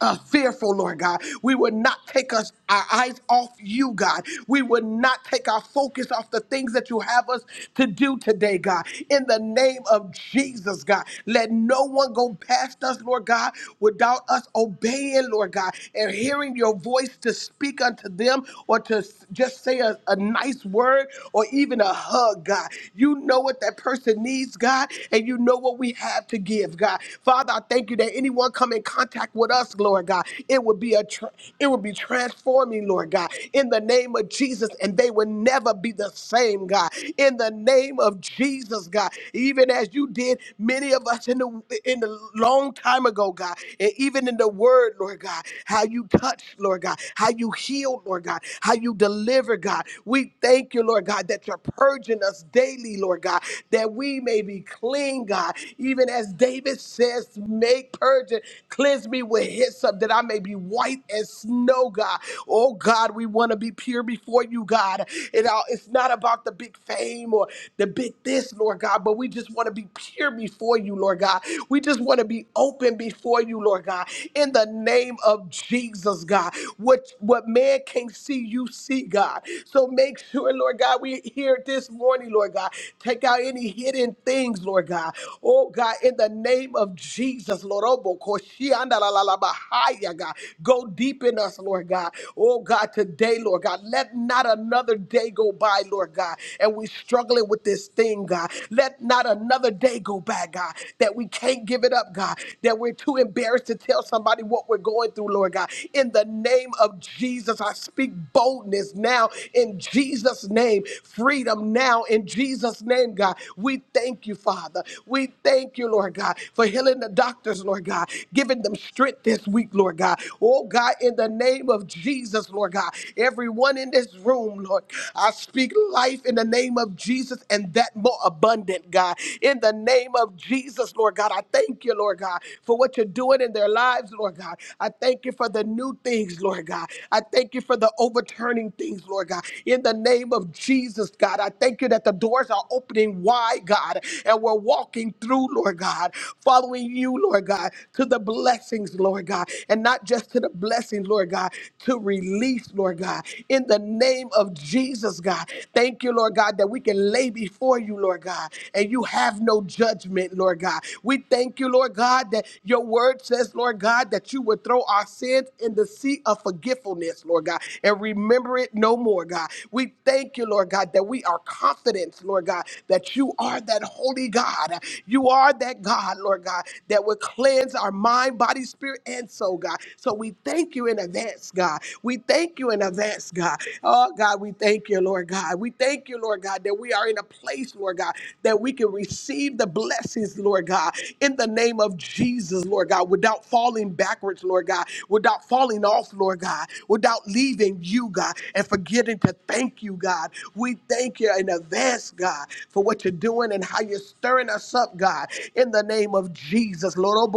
Speaker 5: uh, fearful, Lord God. We would not take us our eyes off you, God. We would not take our focus off the things that you have us to do today, God. In the name of Jesus, God, let no one go past us, Lord God, without us obeying, Lord God, and hearing your voice to speak unto them or to s- just say a, a nice word or even a a hug, God. You know what that person needs, God, and you know what we have to give, God. Father, I thank you that anyone come in contact with us, Lord God, it would be a tr it would be transforming, Lord God, in the name of Jesus, and they would never be the same, God. In the name of Jesus, God, even as you did many of us in the in the long time ago, God, and even in the Word, Lord God, how you touched, Lord God, how you healed, Lord God, how you delivered, God. We thank you, Lord God. Lord God, that you're purging us daily, Lord God, that we may be clean, God. Even as David says, make purging, cleanse me with hyssop, that I may be white as snow, God. Oh God, we want to be pure before you, God. It all, it's not about the big fame or the big this, Lord God, but we just want to be pure before you, Lord God. We just want to be open before you, Lord God. In the name of Jesus, God, what what man can't see, you see, God. So make sure. And Lord God, we here this morning, Lord God. Take out any hidden things, Lord God. Oh God, in the name of Jesus, Lord. Oh, bo- ko- shi- anda- la- la- la- ba- hi- ya, God. Go deep in us, Lord God. Oh God, today, Lord God. Let not another day go by, Lord God. And we struggling with this thing, God. Let not another day go by, God. That we can't give it up, God. That we're too embarrassed to tell somebody what we're going through, Lord God. In the name of Jesus, I speak boldness now in Jesus' name. Freedom now in Jesus' name, God. We thank you, Father. We thank you, Lord God, for healing the doctors, Lord God, giving them strength this week, Lord God. Oh, God, in the name of Jesus, Lord God, everyone in this room, Lord, I speak life in the name of Jesus and that more abundant, God. In the name of Jesus, Lord God, I thank you, Lord God, for what you're doing in their lives, Lord God. I thank you for the new things, Lord God. I thank you for the overturning doing things, Lord God. In the name of Jesus, God, I thank you that the doors are opening wide, God, and we're walking through, Lord God, following you, Lord God, to the blessings, Lord God, and not just to the blessings, Lord God, to release, Lord God. In the name of Jesus, God, thank you, Lord God, that we can lay before you, Lord God, and you have no judgment, Lord God. We thank you, Lord God, that your word says, Lord God, that you would throw our sins in the sea of forgetfulness, Lord God and remember it no more, God. We thank you, Lord God, that we are confident, Lord God, that you are that holy God. You are that God, Lord God, that will cleanse our mind, body, spirit, and soul, God. So we thank you in advance, God. We thank you in advance, God. Oh, God, we thank you, Lord God. We thank you, Lord God, that we are in a place, Lord God, that we can receive the blessings, Lord God, in the name of Jesus, Lord God, without falling backwards, Lord God, without falling off, Lord God, without leaving you, God, and forgetting to thank you, God. We thank you in advance, God, for what you're doing and how you're stirring us up, God, in the name of Jesus. Lord,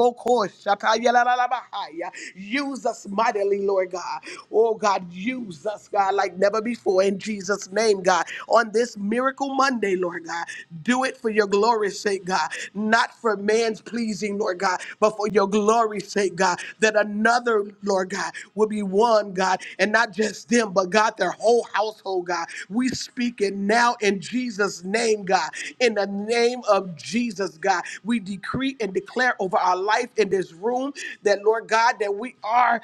Speaker 5: use us mightily, Lord God. Oh, God, use us, God, like never before in Jesus' name, God. On this miracle Monday, Lord God, do it for your glory's sake, God, not for man's pleasing, Lord God, but for your glory's sake, God, that another, Lord God, will be one, God, and not just them, but God, their whole household, God. We speak it now in Jesus' name, God. In the name of Jesus, God, we decree and declare over our life in this room that, Lord God, that we are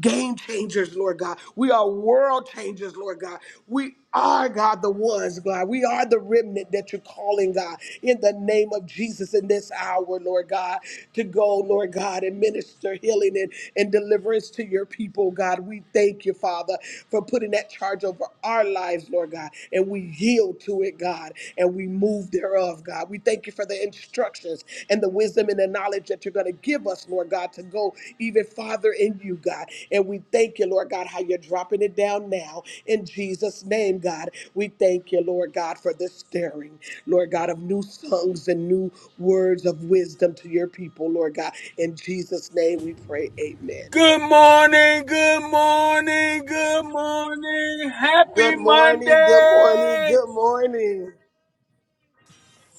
Speaker 5: game changers, Lord God. We are world changers, Lord God. we are, God, the ones, God. We are the remnant that you're calling, God, in the name of Jesus in this hour, Lord God, to go, Lord God, and minister healing and, and deliverance to your people, God. We thank you, Father, for putting that charge over our lives, Lord God, and we yield to it, God, and we move thereof, God. We thank you for the instructions and the wisdom and the knowledge that you're going to give us, Lord God, to go even farther in you, God. And we thank you, Lord God, how you're dropping it down now in Jesus' name, God. We thank you, Lord God, for this stirring, Lord God, of new songs and new words of wisdom to your people, Lord God. In Jesus' name we pray, amen.
Speaker 1: Good morning, good morning, good morning. Happy
Speaker 5: Good morning, good morning,
Speaker 1: Monday.
Speaker 5: good morning.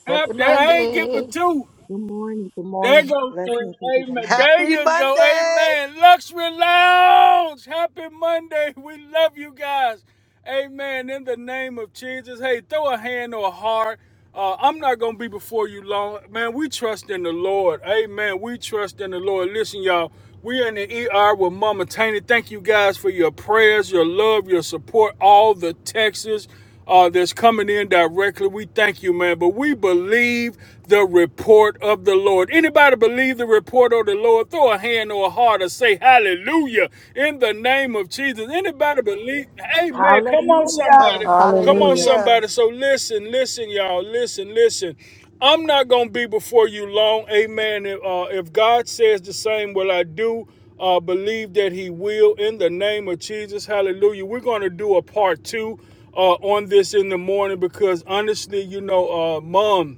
Speaker 4: Happy
Speaker 1: Happy, that I ain't give a
Speaker 4: Monday.
Speaker 1: two.
Speaker 6: Good morning. Good
Speaker 1: There
Speaker 6: morning.
Speaker 1: goes thing.
Speaker 6: Blessings to the
Speaker 1: Amen.
Speaker 6: morning.
Speaker 1: There
Speaker 5: Happy
Speaker 1: you go.
Speaker 5: Monday.
Speaker 1: Amen. Luxury Lounge. Happy Monday. We love you guys. Amen. In the name of Jesus. Hey, throw a hand or a heart. Uh, I'm not going to be before you long. Man, we trust in the Lord. Amen. We trust in the Lord. Listen, y'all. We are in the ER with Mama Taney. Thank you guys for your prayers, your love, your support, all the texts uh, that's coming in directly. We thank you, man. But we believe the report of the Lord. Anybody believe the report of the Lord? Throw a hand or a heart or say hallelujah in the name of Jesus. Anybody believe? Amen. Come on,
Speaker 6: Hallelujah.
Speaker 4: Uh,
Speaker 1: somebody. Come on,
Speaker 2: Hallelujah.
Speaker 4: hallelujah.
Speaker 1: somebody. So listen, listen, y'all. Listen, listen. I'm not going to be before you long. Amen. If, uh, if God says the same, will I do? Uh, believe that He will in the name of Jesus. Hallelujah. We're going to do a part two uh, on this in the morning because honestly, you know, uh, mom,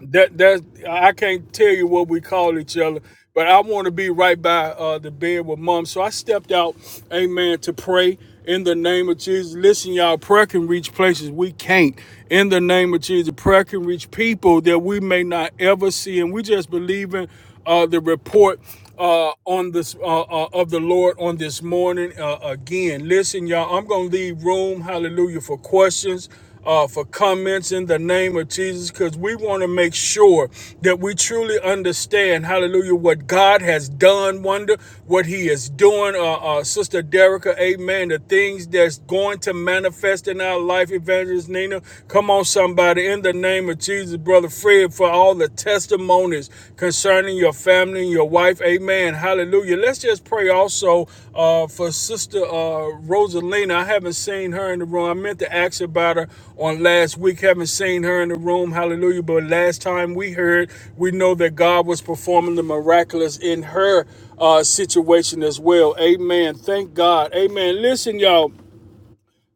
Speaker 1: that that I can't tell you what we call each other, but I want to be right by uh, the bed with mom. So I stepped out, amen, to pray in the name of Jesus. Listen, y'all, prayer can reach places we can't. In the name of Jesus, prayer can reach people that we may not ever see, and we just believe in uh, the report uh, on this uh, uh, of the Lord on this morning. Uh, again, listen, y'all. I'm gonna leave room, hallelujah, for questions. Uh, for comments in the name of Jesus, because we want to make sure that we truly understand, hallelujah, what God has done, wonder what He is doing. Uh, uh, Sister Derica, amen. The things that's going to manifest in our life, Evangelist Nina. Come on, somebody, in the name of of Jesus, Brother Fred, for all the testimonies concerning your family and your wife. Amen. Hallelujah. Let's just pray also uh, for Sister uh, Rosalina. I haven't seen her in the room. I meant to ask about her on last week. Haven't seen her in the room. Hallelujah. But last time we heard, we know that God was performing the miraculous in her uh, situation as well. Amen. Thank God. Amen. Listen, y'all.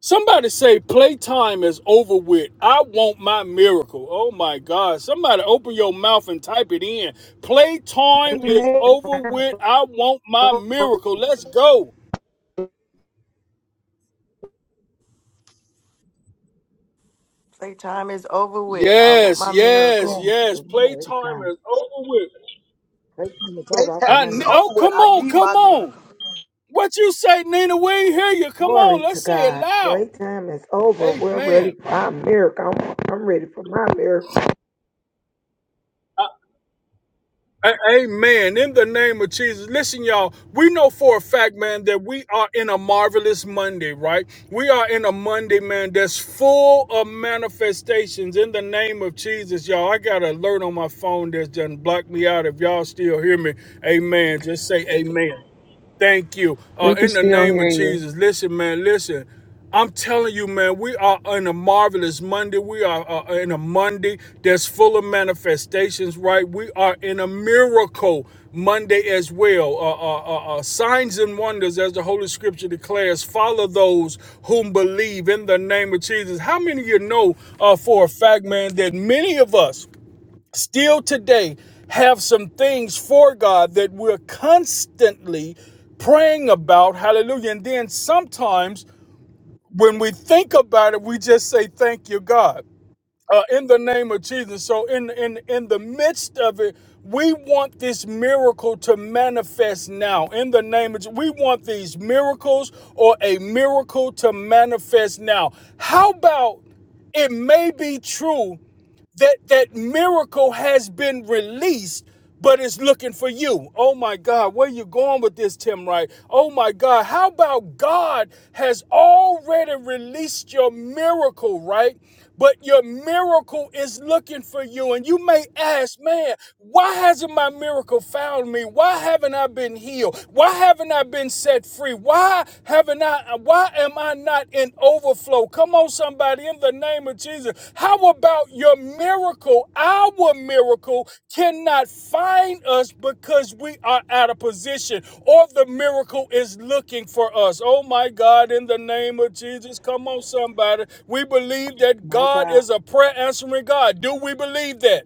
Speaker 1: Somebody say playtime is over with. I want my miracle. Oh my God. Somebody open your mouth and type it in. Playtime is
Speaker 6: Amen.
Speaker 1: over with. I want my miracle. Let's go.
Speaker 4: Say time is over with. I want
Speaker 1: Yes,
Speaker 4: my
Speaker 1: yes,
Speaker 6: Yeah,
Speaker 4: miracle.
Speaker 1: yes.
Speaker 6: glory to
Speaker 1: Playtime
Speaker 6: God.
Speaker 1: is over with.
Speaker 6: Playtime is
Speaker 5: Great
Speaker 6: over. I'm
Speaker 5: time
Speaker 6: on
Speaker 1: I
Speaker 6: my
Speaker 5: is
Speaker 1: ne-
Speaker 6: knees.
Speaker 1: oh,
Speaker 5: over with.
Speaker 1: come
Speaker 5: I
Speaker 1: on,
Speaker 5: need
Speaker 1: come on. What you say, Nina? We ain't hear you. Come
Speaker 6: Glory
Speaker 1: on,
Speaker 6: to
Speaker 1: let's say it
Speaker 6: God.
Speaker 1: loud.
Speaker 6: Playtime is over. We're
Speaker 1: Amen.
Speaker 6: ready for our miracle. I'm, I'm ready for my miracle.
Speaker 1: A- Amen. In the name of Jesus. Listen, y'all, we know for a fact, man, that we are in a marvelous Monday, right? We are in a Monday, man, that's full of manifestations in the name of Jesus, y'all. I got an alert on my phone that's done blocked me out. If y'all still hear me, amen. Just say amen. Thank you. Uh,
Speaker 2: We can
Speaker 1: in the
Speaker 2: still
Speaker 1: name
Speaker 2: hear
Speaker 1: of
Speaker 2: you.
Speaker 1: Jesus. Listen, man, listen. I'm telling you, man, we are in a marvelous Monday. We are uh, in a Monday that's full of manifestations, right? We are in a miracle Monday as well. Uh, uh, uh, uh, signs and wonders, as the Holy Scripture declares, follow those whom believe in the name of Jesus. How many of you know uh, for a fact, man, that many of us, still today have some things for God that we're constantly praying about. Hallelujah. And then sometimes when we think about it, we just say, Thank you, God. Uh, in the name of Jesus. So in in in the midst of it, we want this miracle to manifest now. In the name of Je- we want these miracles or a miracle to manifest now. How about it may be true that that miracle has been released but it's looking for you. Oh my God, where you going with this, Tim Wright? Oh my God, how about God has already released your miracle, right? But your miracle is looking for you. And you may ask, man, why hasn't my miracle found me? Why haven't I been healed? Why haven't I been set free? Why why haven't I, why am I not in overflow? Come on, somebody, in the name of Jesus. How about your miracle? Our miracle cannot find us because we are out of position or the miracle is looking for us. Oh my God, in the name of Jesus. Come on, somebody. We believe that
Speaker 6: My
Speaker 1: God
Speaker 6: God.
Speaker 1: is a prayer answering God. Do we believe that?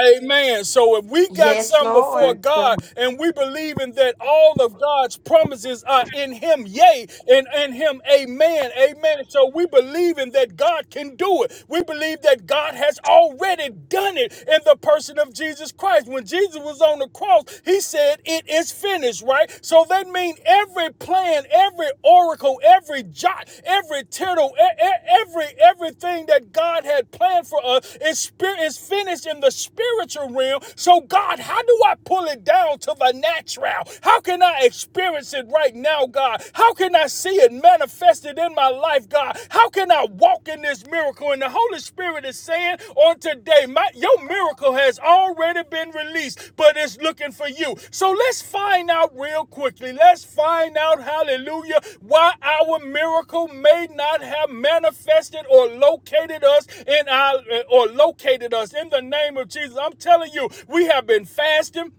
Speaker 1: Amen. So if we got
Speaker 3: Yes,
Speaker 1: some before
Speaker 3: Lord.
Speaker 6: Do
Speaker 1: God
Speaker 6: something.
Speaker 1: and we believe in that all of God's promises are in him, yea, and in him, amen, amen. So we believe in that God can do it. We believe that God has already done it in the person of Jesus Christ. When Jesus was on the cross, he said, it is finished, right? So that means every plan, every oracle, every jot, every tittle, e- e- every everything that God had planned for us is spirit is finished in the spiritual realm. So God, how do I pull it down to the natural? How can I experience it right now, God? How can I see it manifested in my life, God? How can I walk in this miracle when the Holy Spirit is saying on today, my, your miracle has already been released, but it's looking for you. So let's find out real quickly. Let's find out, hallelujah, why our miracle may not have manifested or located us in our or located us in the name of Jesus. I'm telling you, we have been fasting.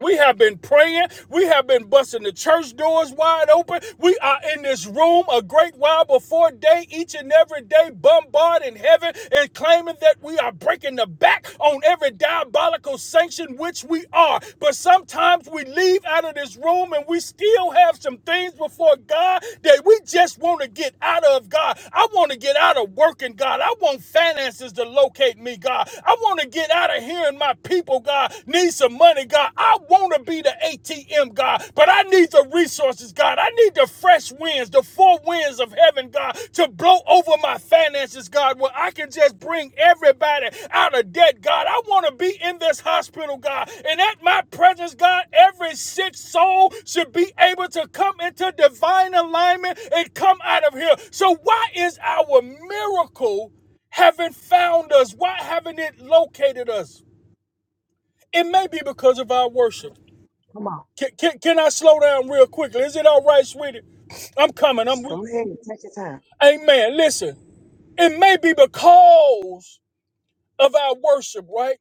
Speaker 1: We have been praying. We have been busting the church doors wide open. We are in this room a great while before day, each and every day, bombarding heaven and claiming that we are breaking the back on every diabolical sanction, which we are. But sometimes we leave out of this room and we still have some things before God that we just want to get out of God. I want to get out of working, God. I want finances to locate me, God. I want to get out of hearing my people, God need some money, God. I want to be the ATM, God, but I need the resources, God. I need the fresh winds, the four winds of heaven, God, to blow over my finances, God, where I can just bring everybody out of debt, God. I want to be in this hospital, God, and at my presence, God, every sick soul should be able to come into divine alignment and come out of here. So, why is our miracle? haven't found us? Why haven't it located us? It may be because of our worship.
Speaker 6: Come on.
Speaker 1: Can, can, can I slow down real quickly? Is it all right, sweetie? I'm coming. I'm.
Speaker 6: Go ahead and take your time.
Speaker 1: Amen. Listen, it may be because of our worship, right?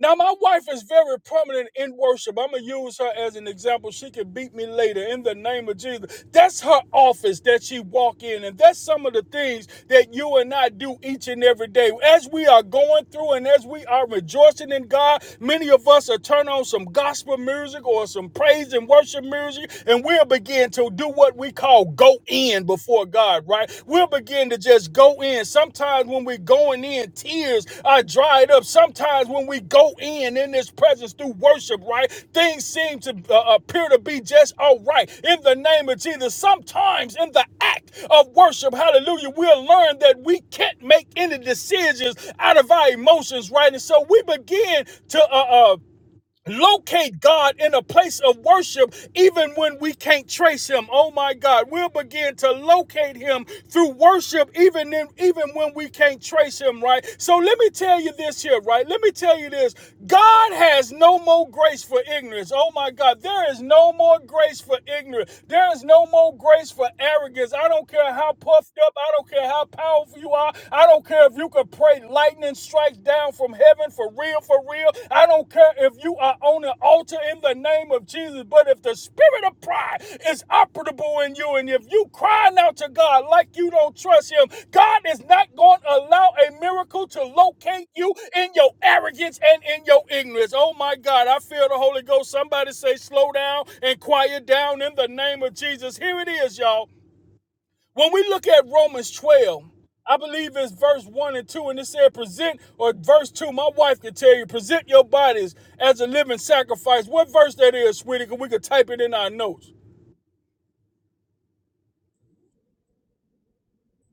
Speaker 1: Now, my wife is very prominent in worship. I'm going to use her as an example. She can beat me later in the name of Jesus. That's her office that she walk in. And that's some of the things that you and I do each and every day. As we are going through and as we are rejoicing in God, many of us are turn on some gospel music or some praise and worship music, and we'll begin to do what we call go in before before God, right? We'll begin to just go in. Sometimes when we're going in, tears are dried up. Sometimes when we go in in this presence through worship, right? Things seem to uh, appear to be just all right in the name of Jesus. Sometimes in the act of worship, hallelujah, we'll learn that we can't make any decisions out of our emotions, right? And so we begin to uh, uh, Locate God in a place of worship, even when we can't trace Him. Oh my God, we'll begin to locate Him through worship, even in, even when we can't trace Him. Right. So let me tell you this here. Right. Let me tell you this. God has no more grace for ignorance. Oh my God, there is no more grace for ignorance. There is no more grace for arrogance. I don't care how puffed up. I don't care how powerful you are. I don't care if you can pray lightning strikes down from heaven for real, for real. I don't care if you are on an altar in the name of Jesus, but if the spirit of pride is operable in you and if you crying out to God like you don't trust him, God is not going to allow a miracle to locate you in your arrogance and in your ignorance. Oh my God, I feel the Holy Ghost. Somebody say slow down and quiet down in the name of Jesus. Here it is, y'all. When we look at Romans 12, I believe it's verse 1 and 2, and it said, Present, or verse 2, my wife could tell you, present your bodies as a living sacrifice. What verse that is, sweetie? Because we could type it in our notes.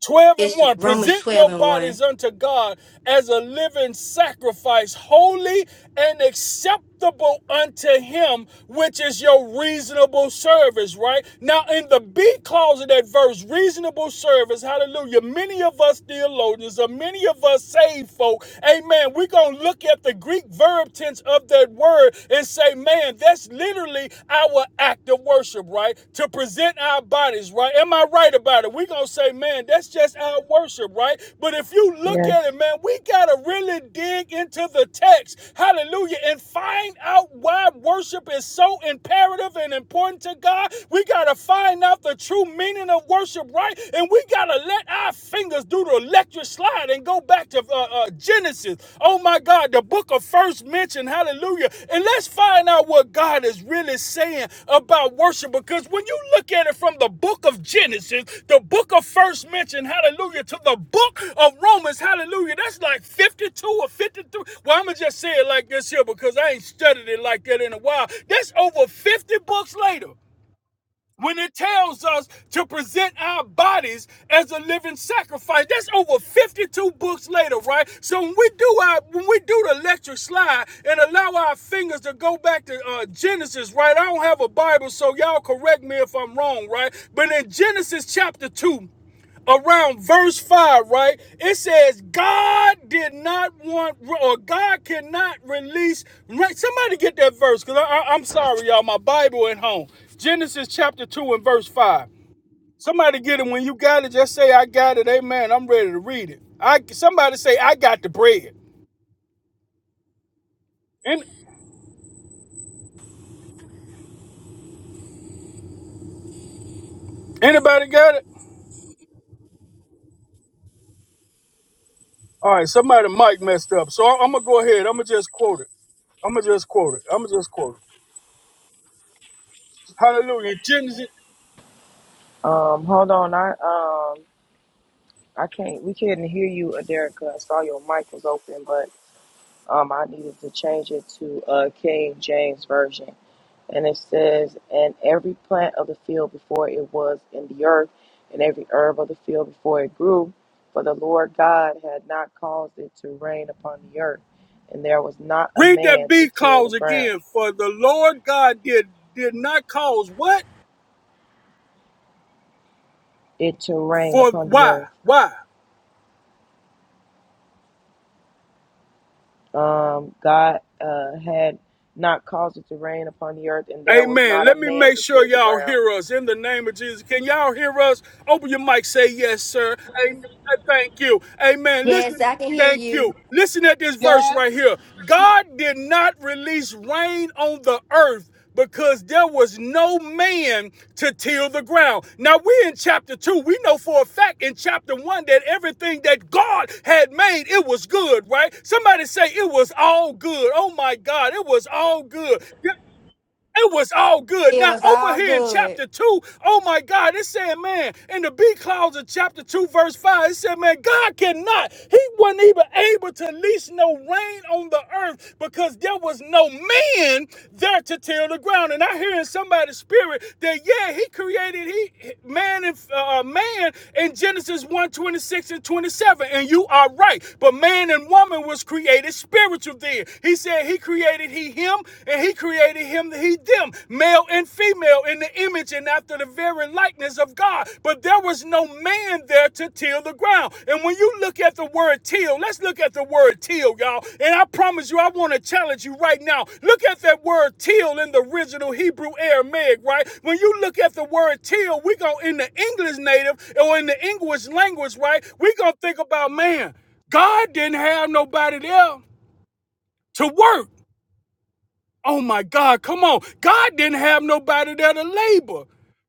Speaker 1: 12 and
Speaker 3: It's
Speaker 1: 1
Speaker 3: Romans
Speaker 1: present
Speaker 3: 12
Speaker 1: your
Speaker 3: and 1.
Speaker 1: bodies unto god as a living sacrifice holy and acceptable unto him which is your reasonable service right now in the b clause of that verse reasonable service hallelujah many of us theologians or many of us saved folk amen we're gonna look at the greek verb tense of that word and say man that's that's literally our act of worship, right? To present our bodies, right? Am I right about it? we going to say, man, that's just our worship, right? But if you look at
Speaker 2: Yes.
Speaker 1: it, man, we got to really dig into the text, hallelujah, and find out why worship is so imperative and important to God. We got to find out the true meaning of worship, right? And we got to let our fingers do the electric slide God and go back to uh, uh, Genesis. Oh my God, the book of first mention. Hallelujah. And let's find out what God is really saying about worship because when you look at it from the book of Genesis, the book of first mention, hallelujah, to the book of Romans, hallelujah, that's like 52 or 53. Well, I'm going to just say it like this here because I ain't studied it like that in a while. That's over 50 books later when it tells us to present our bodies as a living sacrifice. That's over 52 books later, right? So when we do our when we do the electric slide and allow our fingers to go back to uh, Genesis, right? I don't have a Bible, so y'all correct me if I'm wrong, right? But in Genesis chapter 2, around verse 5, right? It says, God did not want, or God cannot release. Right? Somebody get that verse, because I, am sorry, y'all. My Bible at home. Genesis chapter 2 and verse 5. Somebody get it. When you got it, just say, I got it. Amen. I'm ready to read it. I Somebody say, I got the bread. An- anybody got it? All right, somebody mic messed up. So I, I'm going to go ahead. I'm going to just quote it. I'm going to just quote it. I'm going to just quote it. Hallelujah. Genesis.
Speaker 2: Um, hold on. I um I can't we couldn't hear you, Aderica. I saw your mic was open, but um I needed to change it to uh King James Version. And it says, And every plant of the field before it was in the earth, and every herb of the field before it grew, for the Lord God had not caused it to rain upon the earth, and there was not a
Speaker 1: Read that
Speaker 2: man to
Speaker 1: B
Speaker 2: till the
Speaker 1: clause
Speaker 2: ground,
Speaker 1: again. For the Lord God did did not cause what?
Speaker 2: it to rain
Speaker 1: For
Speaker 2: upon the
Speaker 1: why?
Speaker 2: earth.
Speaker 1: Why?
Speaker 2: Um, God uh, had not caused it to rain upon the earth, and there was
Speaker 1: Amen.
Speaker 2: not a
Speaker 1: Let me
Speaker 2: man
Speaker 1: make
Speaker 2: to
Speaker 1: sure
Speaker 2: till the
Speaker 1: y'all
Speaker 2: ground.
Speaker 1: hear us in the name of Jesus. Can y'all hear us? Open your mic, say yes, sir. Amen. Thank you. Amen.
Speaker 3: Yes,
Speaker 1: Listen.
Speaker 3: I can hear
Speaker 1: Thank
Speaker 3: you.
Speaker 1: you. Listen at this verse right
Speaker 5: yes.
Speaker 1: here. God did not release rain on the earth because there was no man to till the ground. Now we're in chapter 2. We know for a fact in chapter 1 that everything that God had made, it was good, right? Somebody say it was all good. Oh my God, it was all good. There it was all good.
Speaker 3: It
Speaker 1: Now,
Speaker 3: was
Speaker 1: over
Speaker 3: all
Speaker 1: here in
Speaker 3: good.
Speaker 1: chapter 2, oh my God, it said, man, in the B clause of chapter 2, verse 5, it said, man, God cannot. He wasn't even able to lease no rain on the earth because there was no man there to till the ground. And I hear in somebody's spirit that, yeah, he created he man and uh, man in Genesis one 26 and 27. And you are right. But man and woman was created spiritual there. He said he created he him and he created him he them male and female in the image and after the very likeness of god but there was no man there to till the ground and when you look at the word till let's look at the word till y'all and i promise you i want to challenge you right now look at that word till in the original hebrew aramaic right when you look at the word till we go in the english native or in the english language right we gonna think about man god didn't have nobody there to work Oh my God, come on. God didn't have nobody there to labor.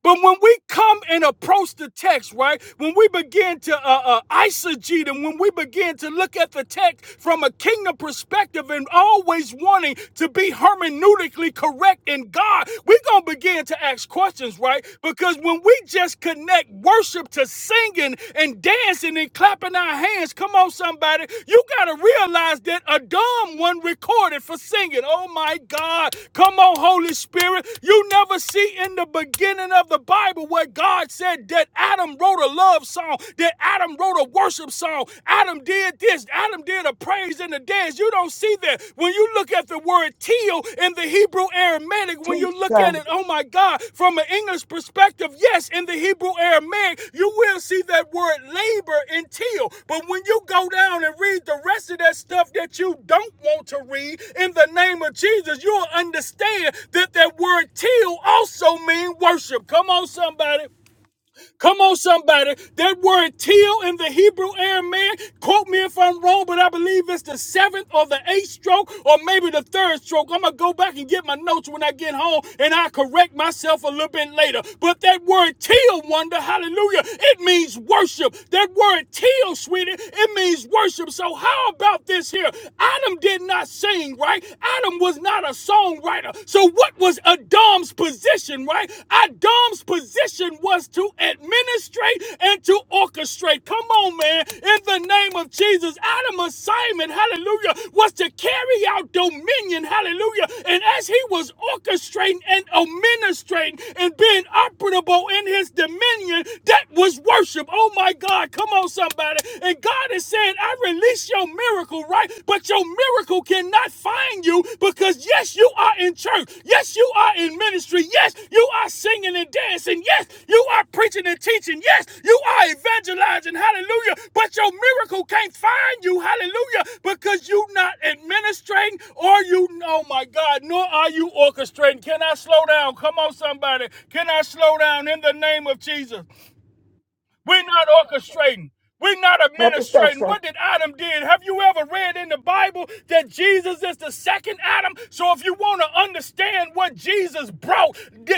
Speaker 1: But when we come and approach the text, right? When we begin to uh, uh, eisegete and when we begin to look at the text from a kingdom perspective and always wanting to be hermeneutically correct in God, we're going to begin to ask questions, right? Because when we just connect worship to us singing and dancing and clapping our hands. Come on, somebody. You got to realize that a dumb one recorded for singing. Oh, my God. Come on, Holy Spirit. You never see in the beginning of the Bible where God said that Adam wrote a love song, that Adam wrote a worship song, Adam did this, Adam did a praise and a dance. You don't see that. When when you look at the word teal in the Hebrew Aramaic, when
Speaker 6: Teach,
Speaker 1: you look at
Speaker 6: son.
Speaker 1: it, oh my God, from an English perspective, yes, in the Hebrew Aramaic, you will see that word labor in teal. But when you go down and read the rest of that stuff that you don't want to read in the name of Jesus, you'll understand that that word teal also means worship. Come on, somebody. Come on, somebody. That word teal in the Hebrew Aramaic, quote me if I'm wrong, but I believe it's the seventh or the eighth stroke or maybe the third stroke. I'm going to go back and get my notes when I get home and I correct myself a little bit later. But that word teal, wonder, hallelujah, it means worship. That word teal, sweetie, it means worship. So how about this here? Adam did not sing, right? Adam was not a songwriter. So, what was Adam's position, right? Adam's position was to administrate and to orchestrate. Come on, man. In the name of Jesus, Adam's assignment, hallelujah, was to carry out dominion, hallelujah. And as he was orchestrating and administrating and being operable in his dominion, that was worship. Oh, my God. Come on, somebody. And God is saying, I release your your miracle, right? But your miracle cannot find you because, yes, you are in church. Yes, you are in ministry. Yes, you are singing and dancing. Yes, you are preaching and teaching. Yes, you are evangelizing. Hallelujah. But your miracle can't find you. Hallelujah. Because you are not administrating or you, oh my God, nor are you orchestrating. Can I slow down? Come on, somebody. Can I slow down in the name of Jesus? We're not orchestrating. We're not
Speaker 6: Help yourself,
Speaker 1: administrating.
Speaker 6: son.
Speaker 1: What did Adam did? Have you ever read in the Bible that Jesus is the second Adam? So if you want to understand what Jesus brought,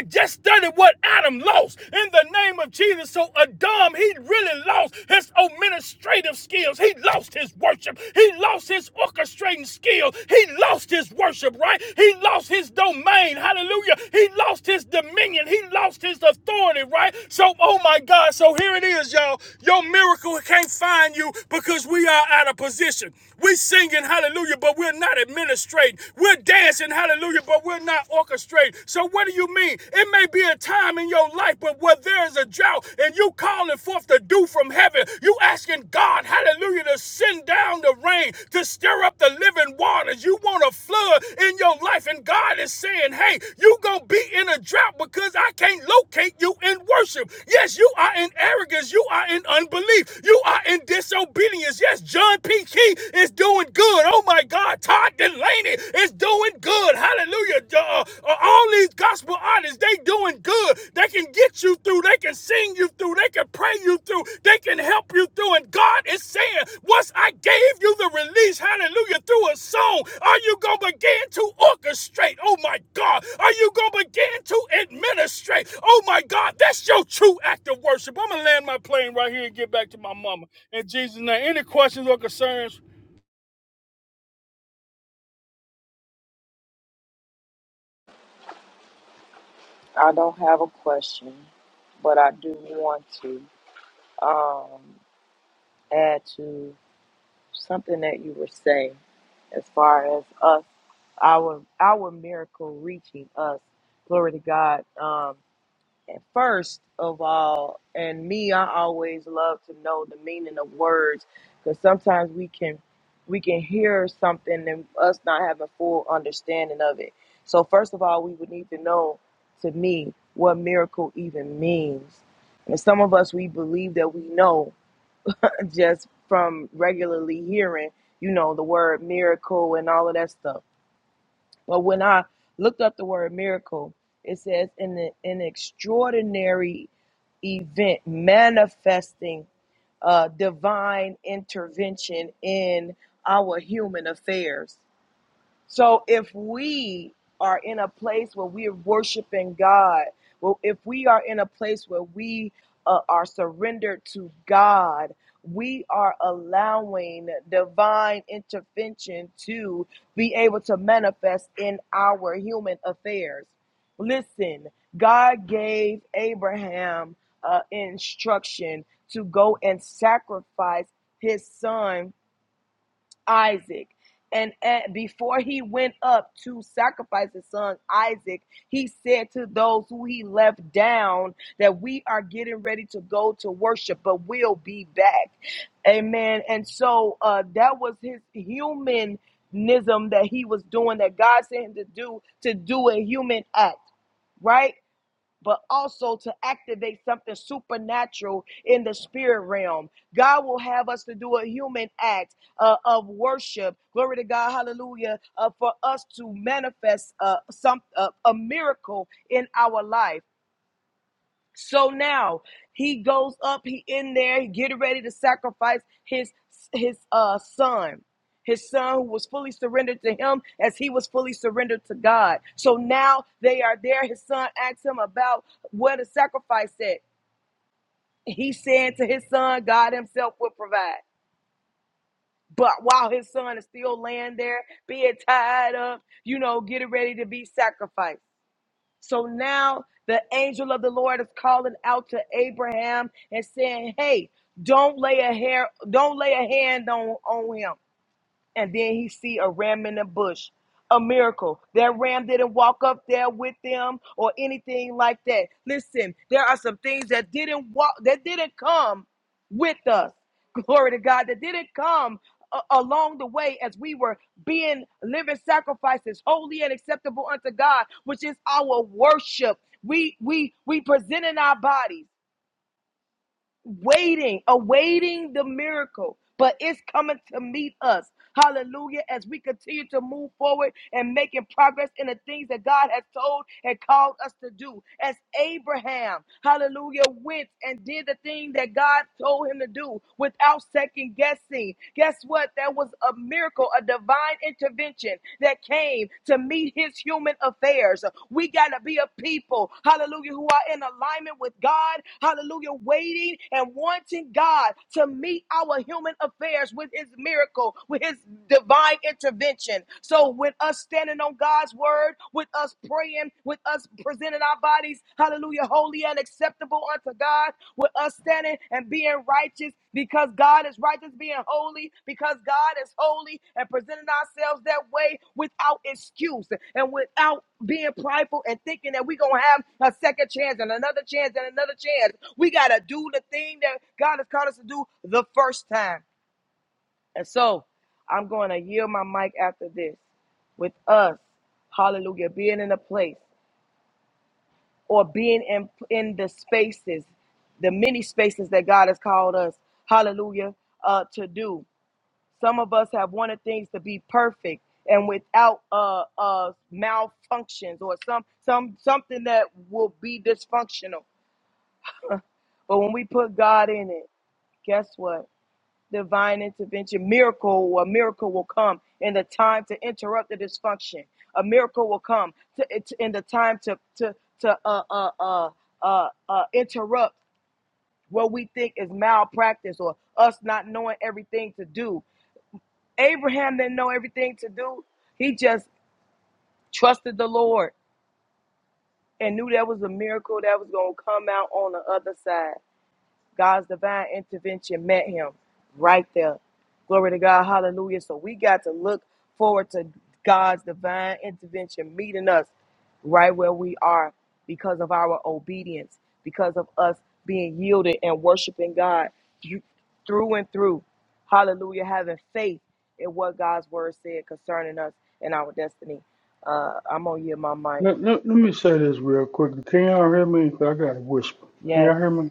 Speaker 1: just study what Adam lost in the name of Jesus. So Adam, he really lost his administrative skills. He lost his worship. He lost his orchestrating skill. He lost his worship, right? He lost his domain. Hallelujah. He lost his dominion. He lost his authority, right? So, oh my God. So here it is, y'all. Your miracle can't find you because we are out of position. We singing hallelujah, but we're not administrating. We're dancing hallelujah, but we're not orchestrating. So what do you mean? It may be a time in your life, but where there is a drought and you calling forth the dew from heaven from heaven. You asking God, hallelujah, to send down the rain, to stir up the living waters. You want a flood in your life. And God is saying, hey, you going to be in a drought because I can't locate you in worship. Yes, you are in arrogance. You are in unbelief. You are in disobedience. Yes, John P. Key is doing good. Oh my God. Todd Delaney is doing good. Hallelujah uh, uh, all these gospel artists, they doing good. They can get you through. They can sing you through. They can pray you through. They can help you through. And God is saying, once I gave you the release, hallelujah, through a song, are you going to begin to orchestrate? Oh my God. Are you going to begin to administrate? Oh my God. That's your true act of worship. I'm going to land my plane right here and get back to my mama. In Jesus' name, any questions or concerns?
Speaker 2: I don't have a question, but I do want to um, add to. something that you were saying as far as us our our miracle reaching us glory to god um and first of all and me i always love to know the meaning of words because sometimes we can we can hear something and us not having full understanding of it so first of all we would need to know to me what miracle even means and some of us we believe that we know just from regularly hearing, you know, the word miracle and all of that stuff. But when I looked up the word miracle, it says an, an extraordinary event manifesting uh, divine intervention in our human affairs. So if we are in a place where we're worshiping God, well, if we are in a place where we uh, are surrendered to God, we are allowing divine intervention to be able to manifest in our human affairs. Listen, God gave Abraham uh, instruction to go and sacrifice his son Isaac. And at, before he went up to sacrifice his son Isaac, he said to those who he left down that we are getting ready to go to worship, but we'll be back. Amen. And so uh, that was his humanism that he was doing, that God sent him to do, to do a human act, right? but also to activate something supernatural in the spirit realm. God will have us to do a human act uh, of worship. Glory to God, hallelujah, uh, for us to manifest uh, some uh, a miracle in our life. So now he goes up, he in there, he getting ready to sacrifice his his uh son. His son who was fully surrendered to him as he was fully surrendered to God. So now they are there. His son asks him about where the sacrifice at. He said to his son, God himself will provide. But while his son is still laying there, being tied up, you know, getting ready to be sacrificed. So now the angel of the Lord is calling out to Abraham and saying, Hey, don't lay a hair, don't lay a hand on, on him and then he see a ram in a bush a miracle that ram didn't walk up there with them or anything like that listen there are some things that didn't walk that didn't come with us glory to god that didn't come a- along the way as we were being living sacrifices holy and acceptable unto god which is our worship we we we presenting our bodies waiting, awaiting the miracle, but it's coming to meet us. Hallelujah. As we continue to move forward and making progress in the things that God has told and called us to do. As Abraham, hallelujah, went and did the thing that God told him to do without second guessing. Guess what? That was a miracle, a divine intervention that came to meet his human affairs. We got to be a people, hallelujah, who are in alignment with God, hallelujah, waiting and wanting God to meet our human affairs with his miracle, with his divine intervention. So, with us standing on God's word, with us praying, with us presenting our bodies, hallelujah, holy and acceptable unto God, with us standing and being righteous because God is righteous, being holy because God is holy, and presenting ourselves that way without excuse and without being prideful and thinking that we're going to have a second chance and another chance and another chance. We got to do the thing that God has called us to do the first time. And so I'm going to yield my mic after this with us, hallelujah, being in a place or being in in the spaces, the many spaces that God has called us, hallelujah, uh, to do. Some of us have wanted things to be perfect and without uh, uh, malfunctions or some some something that will be dysfunctional. But when we put God in it, guess what? divine intervention. Miracle, a miracle will come in the time to interrupt the dysfunction. A miracle will come to, it's in the time to to to uh uh uh uh, uh interrupt what we think is malpractice or us not knowing everything to do. Abraham didn't know everything to do. He just trusted the Lord and knew there was a miracle that was going to come out on the other side. God's divine intervention met him right there. Glory to God. Hallelujah. So we got to look forward to God's divine intervention meeting us right where we are because of our obedience, because of us being yielded and worshiping God through through and through. Hallelujah. Having faith in what God's word said concerning us and our destiny. Uh, I'm going to yield my mic.
Speaker 1: Let, let, let me say this real quick. Can y'all hear me? 'Cause I got a whisper. Can
Speaker 2: Yes,
Speaker 1: y'all hear me?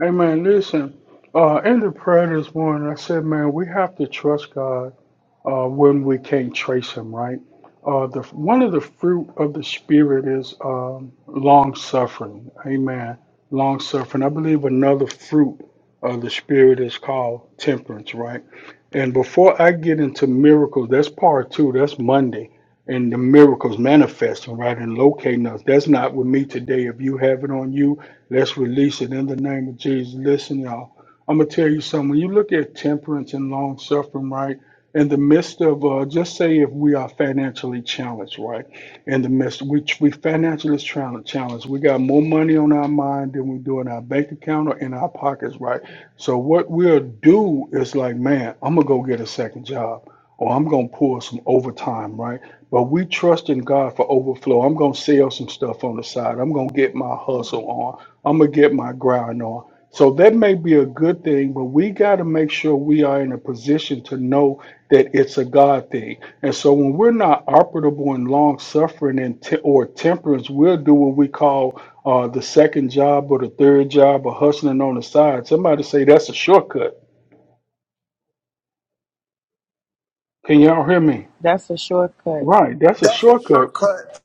Speaker 1: Hey man, listen. Uh, in the prayer this morning, I said, man, we have to trust God uh, when we can't trace him, right? Uh, the one of the fruit of the spirit is um, long suffering. Amen. Long suffering. I believe another fruit of the spirit is called temperance, right? And before I get into miracles, that's part two. That's Monday, and the miracles manifesting, right, and locating us. That's not with me today. If you have it on you, let's release it in the name of Jesus. Listen, y'all. I'm gonna tell you something. When you look at temperance and long suffering, right? in the midst of uh, just say if we are financially challenged, right? In the midst, we we financially challenged, challenged. We got more money on our mind than we do in our bank account or in our pockets, right? So what we'll do is like, man, I'm gonna go get a second job, or I'm gonna pull some overtime, right? But we trust in God for overflow. I'm gonna sell some stuff on the side. I'm gonna get my hustle on. I'm gonna get my grind on. So that may be a good thing, but we got to make sure we are in a position to know that it's a God thing. And so when we're not operable in long suffering and te- or temperance, we'll do what we call uh, the second job or the third job or hustling on the side. Somebody say that's a shortcut. Can y'all hear me?
Speaker 2: that's a shortcut.
Speaker 1: Right, that's a shortcut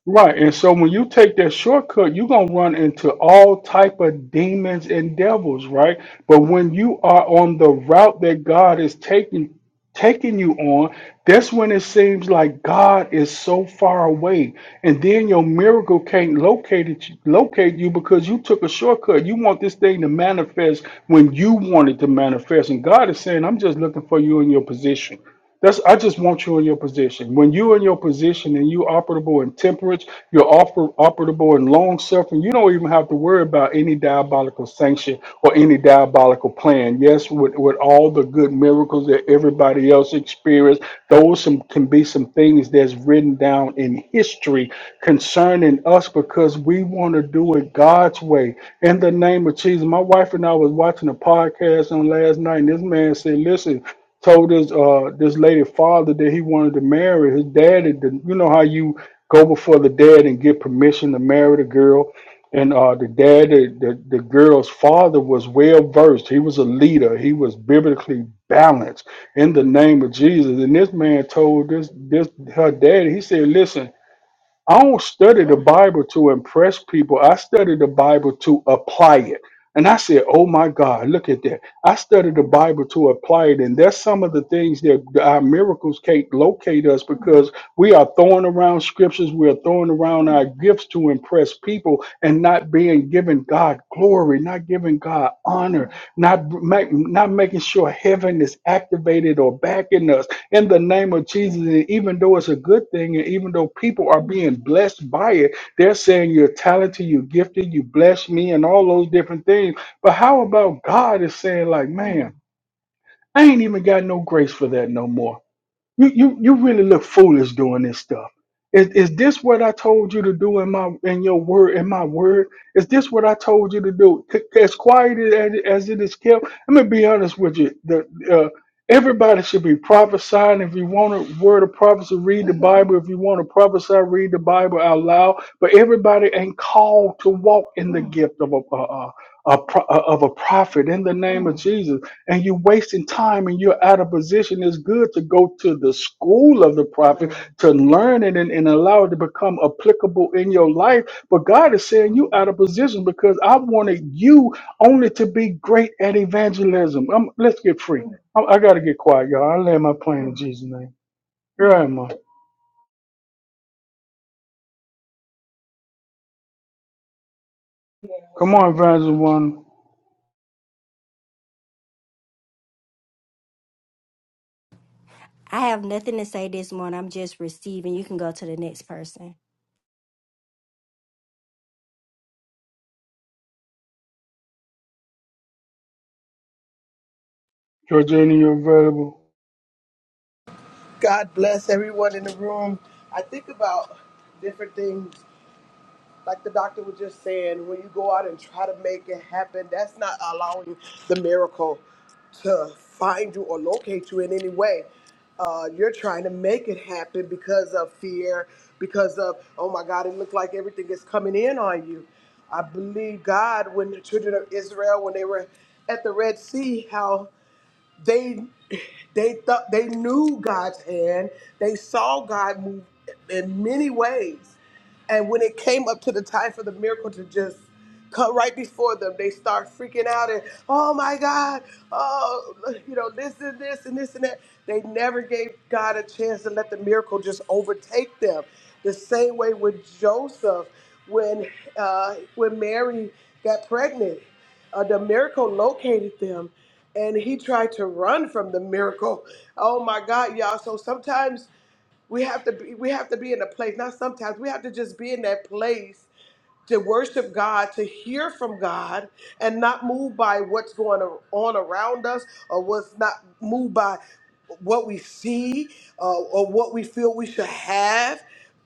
Speaker 1: Right, and so when you take that shortcut, you're gonna run into all type of demons and devils, right? But when you are on the route that God is taking taking you on, that's when it seems like God is so far away, and then your miracle can't locate it, locate you because you took a shortcut. You want this thing to manifest when you want it to manifest, and God is saying, "I'm just looking for you in your position." That's I just want you in your position. When you are in your position and you operable in temperance, you're oper, operable in long suffering. You don't even have to worry about any diabolical sanction or any diabolical plan. Yes, with, with all the good miracles that everybody else experienced, those some can be some things that's written down in history concerning us because we want to do it God's way. In the name of Jesus, my wife and I was watching a podcast on last night, and this man said, "Listen." told his uh this lady father that he wanted to marry his dad and you know how you go before the dad and get permission to marry the girl and uh the dad the, the, the girl's father was well versed he was a leader he was biblically balanced in the name of jesus and this man told this this her dad he said listen I don't study the Bible to impress people. I study the Bible to apply it. And I said, oh my God, look at that. I study the Bible to apply it. And that's some of the things that our miracles can't locate us because we are throwing around scriptures. We are throwing around our gifts to impress people and not being given God glory, not giving God honor, not make, not making sure heaven is activated or backing us in the name of Jesus. And even though it's a good thing, and even though people are being blessed by it, they're saying you're talented, you're gifted, you bless me, and all those different things. But how about God is saying like, man, I ain't even got no grace for that no more. You you you really look foolish doing this stuff. Is is this what I told you to do in my in your word in my word? Is this what I told you to do? C- As quiet as, as it is kept. I'm gonna be honest with you. The uh, everybody should be prophesying. If you want a word of prophecy, read the Bible. If you want to prophesy, read the Bible out loud. But everybody ain't called to walk in the gift of a. uh, uh, a pro- of a prophet in the name of Jesus, and you're wasting time and you're out of position. It's good to go to the school of the prophet to learn it and, and allow it to become applicable in your life. But God is saying you out of position because I wanted you only to be great at evangelism. Um let's get free. I, I got to get quiet, y'all. I lay my plane in Jesus' name. Here I am. uh, Come on, Evangelist One.
Speaker 3: I have nothing to say this morning. I'm just receiving. You can go to the next person.
Speaker 1: Georgina, you're available.
Speaker 5: God bless everyone in the room. I think about different things, like the doctor was just saying, when you go out and try to make it happen, that's not allowing the miracle to find you or locate you in any way. Uh, you're trying to make it happen because of fear, because of, oh my God, it looked like everything is coming in on you. I believe God when the children of Israel, when they were at the Red Sea, how they they thought they knew God's hand. They saw God move in many ways. And when it came up to the time for the miracle to just come right before them, they start freaking out and, oh my God, oh, you know, this and this and this and that. They never gave God a chance to let the miracle just overtake them. The same way with Joseph, when uh, when Mary got pregnant, uh, the miracle located them, and he tried to run from the miracle. Oh my God, y'all! So sometimes we have to be we have to be in a place, not sometimes, we have to just be in that place to worship God, to hear from God, and not moved by what's going on around us or what's not moved by what we see uh, or what we feel we should have.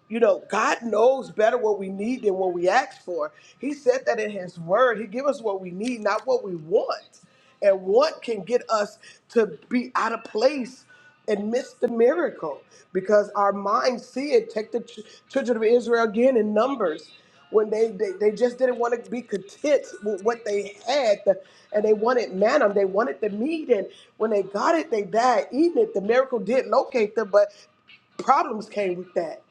Speaker 5: You know, God knows better what we need than what we ask for. He said that in His Word. He give us what we need, not what we want. And want can get us to be out of place and miss the miracle because our minds see it. Take the ch- children of Israel again in Numbers when they, they, they just didn't want to be content with what they had the, and they wanted manna, they wanted the meat. And when they got it, they died eating it. The miracle did locate them, but problems came with that.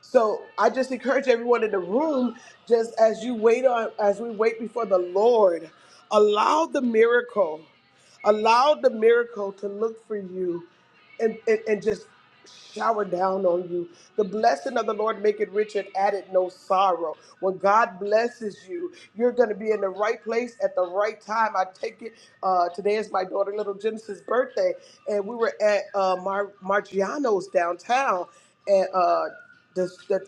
Speaker 5: So I just encourage everyone in the room, just as you wait on, as we wait before the Lord, allow the miracle, allow the miracle to look for you and, and, and just shower down on you. The blessing of the Lord make it rich and add it no sorrow. When God blesses you, you're going to be in the right place at the right time. I take it. Uh, today is my daughter, little Genesis' birthday, and we were at uh, Mar- Margiano's downtown, and uh, the, the,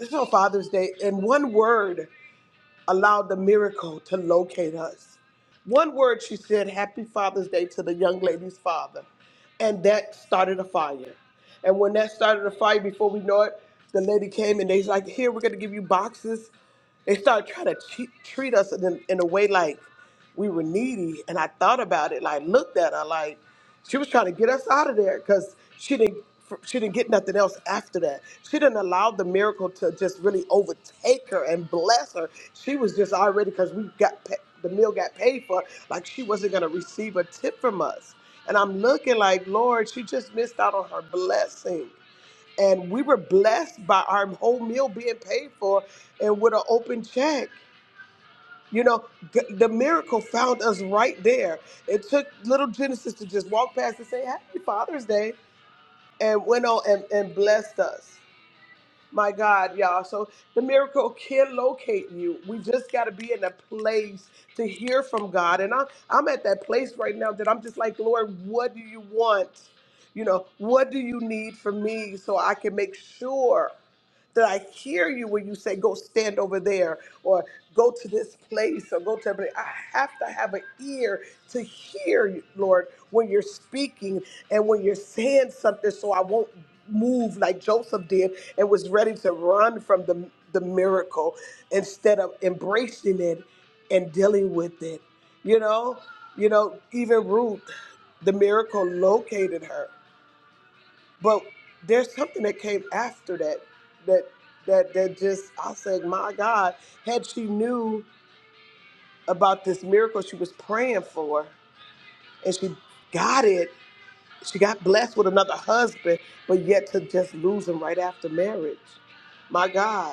Speaker 5: it's on Father's Day. And one word allowed the miracle to locate us. One word she said, Happy Father's Day to the young lady's father. And that started a fire. And when that started a fire, before we know it, the lady came and they's like, Here, we're going to give you boxes. They started trying to cheat, treat us in, in a way like we were needy. And I thought about it, like, looked at her, like, she was trying to get us out of there because she didn't she didn't get nothing else after that. She didn't allow the miracle to just really overtake her and bless her she was just already because we got pa- the meal got paid for like she wasn't going to receive a tip from us and i'm looking like lord she just missed out on her blessing and we were blessed by our whole meal being paid for and with an open check you know g- the miracle found us right there it took little genesis to just walk past and say happy father's day and went on and, and blessed us my God, y'all. So the miracle can locate you. We just got to be in a place to hear from God. And I'm, I'm at that place right now that I'm just like, Lord, what do you want? You know, what do you need from me so I can make sure that I hear you when you say, go stand over there or go to this place or go to that I have to have an ear to hear you, Lord, when you're speaking and when you're saying something so I won't move like Joseph did and was ready to run from the, the miracle instead of embracing it and dealing with it. You know, you know, even Ruth, the miracle located her. But there's something that came after that that that that just I said, my God, had she knew about this miracle she was praying for and she got it, she got blessed with another husband, but yet to just lose him right after marriage. My God.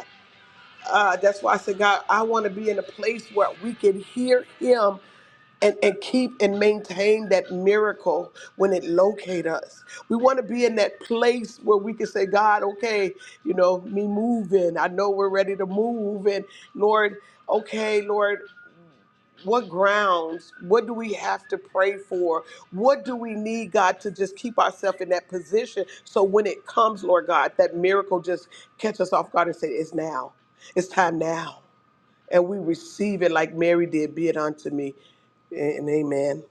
Speaker 5: Uh, that's why I said, God, I want to be in a place where we can hear Him and, and keep and maintain that miracle when it locate us. We want to be in that place where we can say, God, okay, you know, me moving. I know we're ready to move. And Lord, okay, Lord, what grounds? What do we have to pray for? What do we need, God, to just keep ourselves in that position so when it comes, Lord God, that miracle just catch us off guard and say, it's now. It's time now and we receive it like Mary did, be it unto me. And amen.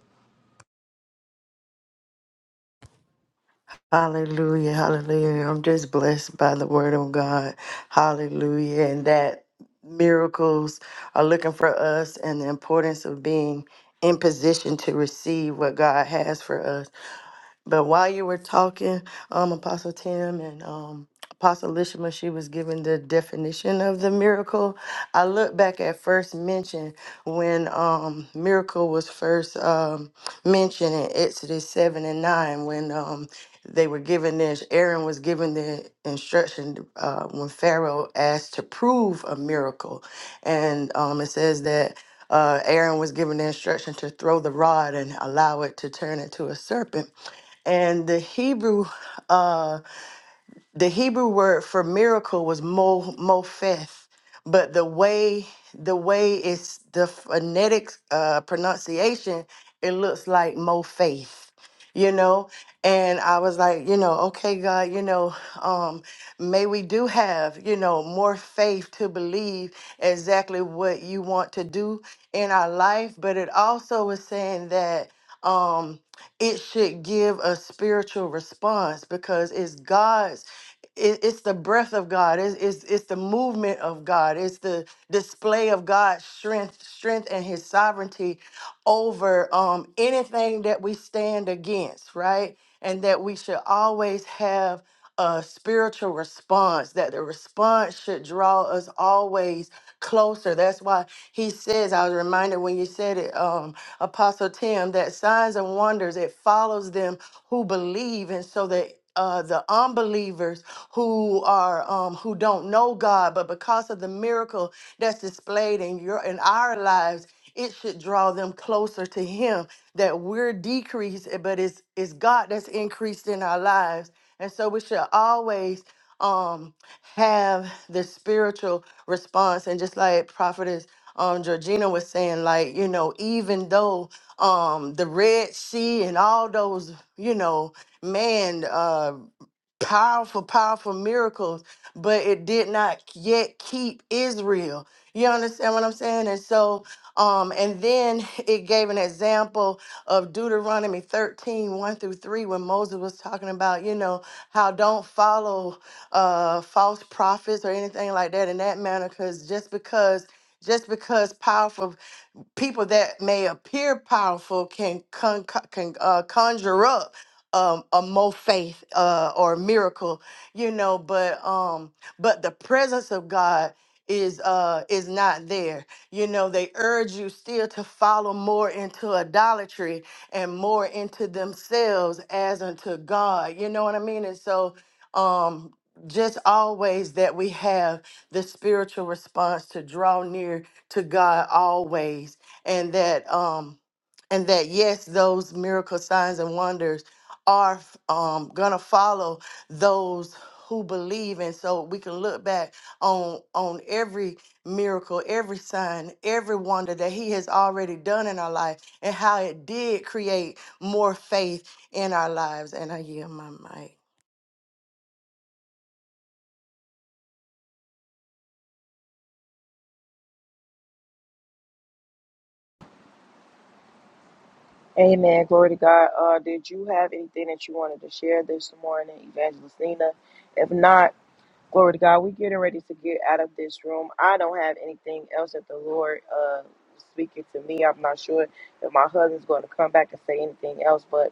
Speaker 4: Hallelujah. Hallelujah. I'm just blessed by the word of God. Hallelujah. And that miracles are looking for us and the importance of being in position to receive what God has for us. But while you were talking, um, Apostle Tim and um, Apostle Lishma, she was giving the definition of the miracle. I look back at first mention when um, miracle was first um, mentioned in Exodus 7 and 9 when um, they were given this, Aaron was given the instruction uh, when Pharaoh asked to prove a miracle. And um, it says that uh, Aaron was given the instruction to throw the rod and allow it to turn into a serpent and the Hebrew uh the Hebrew word for miracle was mo mofeth, but the way the way it's the phonetic uh pronunciation, it looks like mo faith you know? And I was like, you know, okay, God, you know, um, may we do have, you know, more faith to believe exactly what you want to do in our life. But it also was saying that um it should give a spiritual response because it's God's it, it's the breath of God. It's, it's it's the movement of God. It's the display of God's strength, strength and His sovereignty over um, anything that we stand against, right? And that we should always have a spiritual response. That the response should draw us always closer. That's why He says. I was reminded when you said it, um, Apostle Tim, that signs and wonders it follows them who believe, and so that uh, the unbelievers who are um, who don't know God, but because of the miracle that's displayed in your in our lives, it should draw them closer to Him. That we're decreased, eh, but it's it's God that's increased in our lives, and so we should always um, have the spiritual response. And just like prophetess um, Georgina was saying, like you know, even though um, the Red Sea and all those you know man, uh, powerful, powerful miracles, but it did not yet keep Israel. You understand what I'm saying? And so, um, and then it gave an example of Deuteronomy 13, one through 3, when Moses was talking about, you know, how don't follow uh false prophets or anything like that in that manner, because just because just because powerful people that may appear powerful can con- con- can uh, conjure up um, a more faith uh, or a miracle, you know. But um, but the presence of God is uh is not there you know they urge you still to follow more into idolatry and more into themselves as unto god you know what i mean and so um just always that we have the spiritual response to draw near to god always and that um and that yes those miracle signs and wonders are um gonna follow those who believe and so we can look back on on every miracle every sign every wonder that he has already done in our life and how it did create more faith in our lives and i yield my mic
Speaker 2: Amen. Glory to God. Uh, did you have anything that you wanted to share this morning, Evangelistina? If not, glory to God. We're getting ready to get out of this room. I don't have anything else that the Lord uh, is speaking to me. I'm not sure if my husband's going to come back and say anything else, but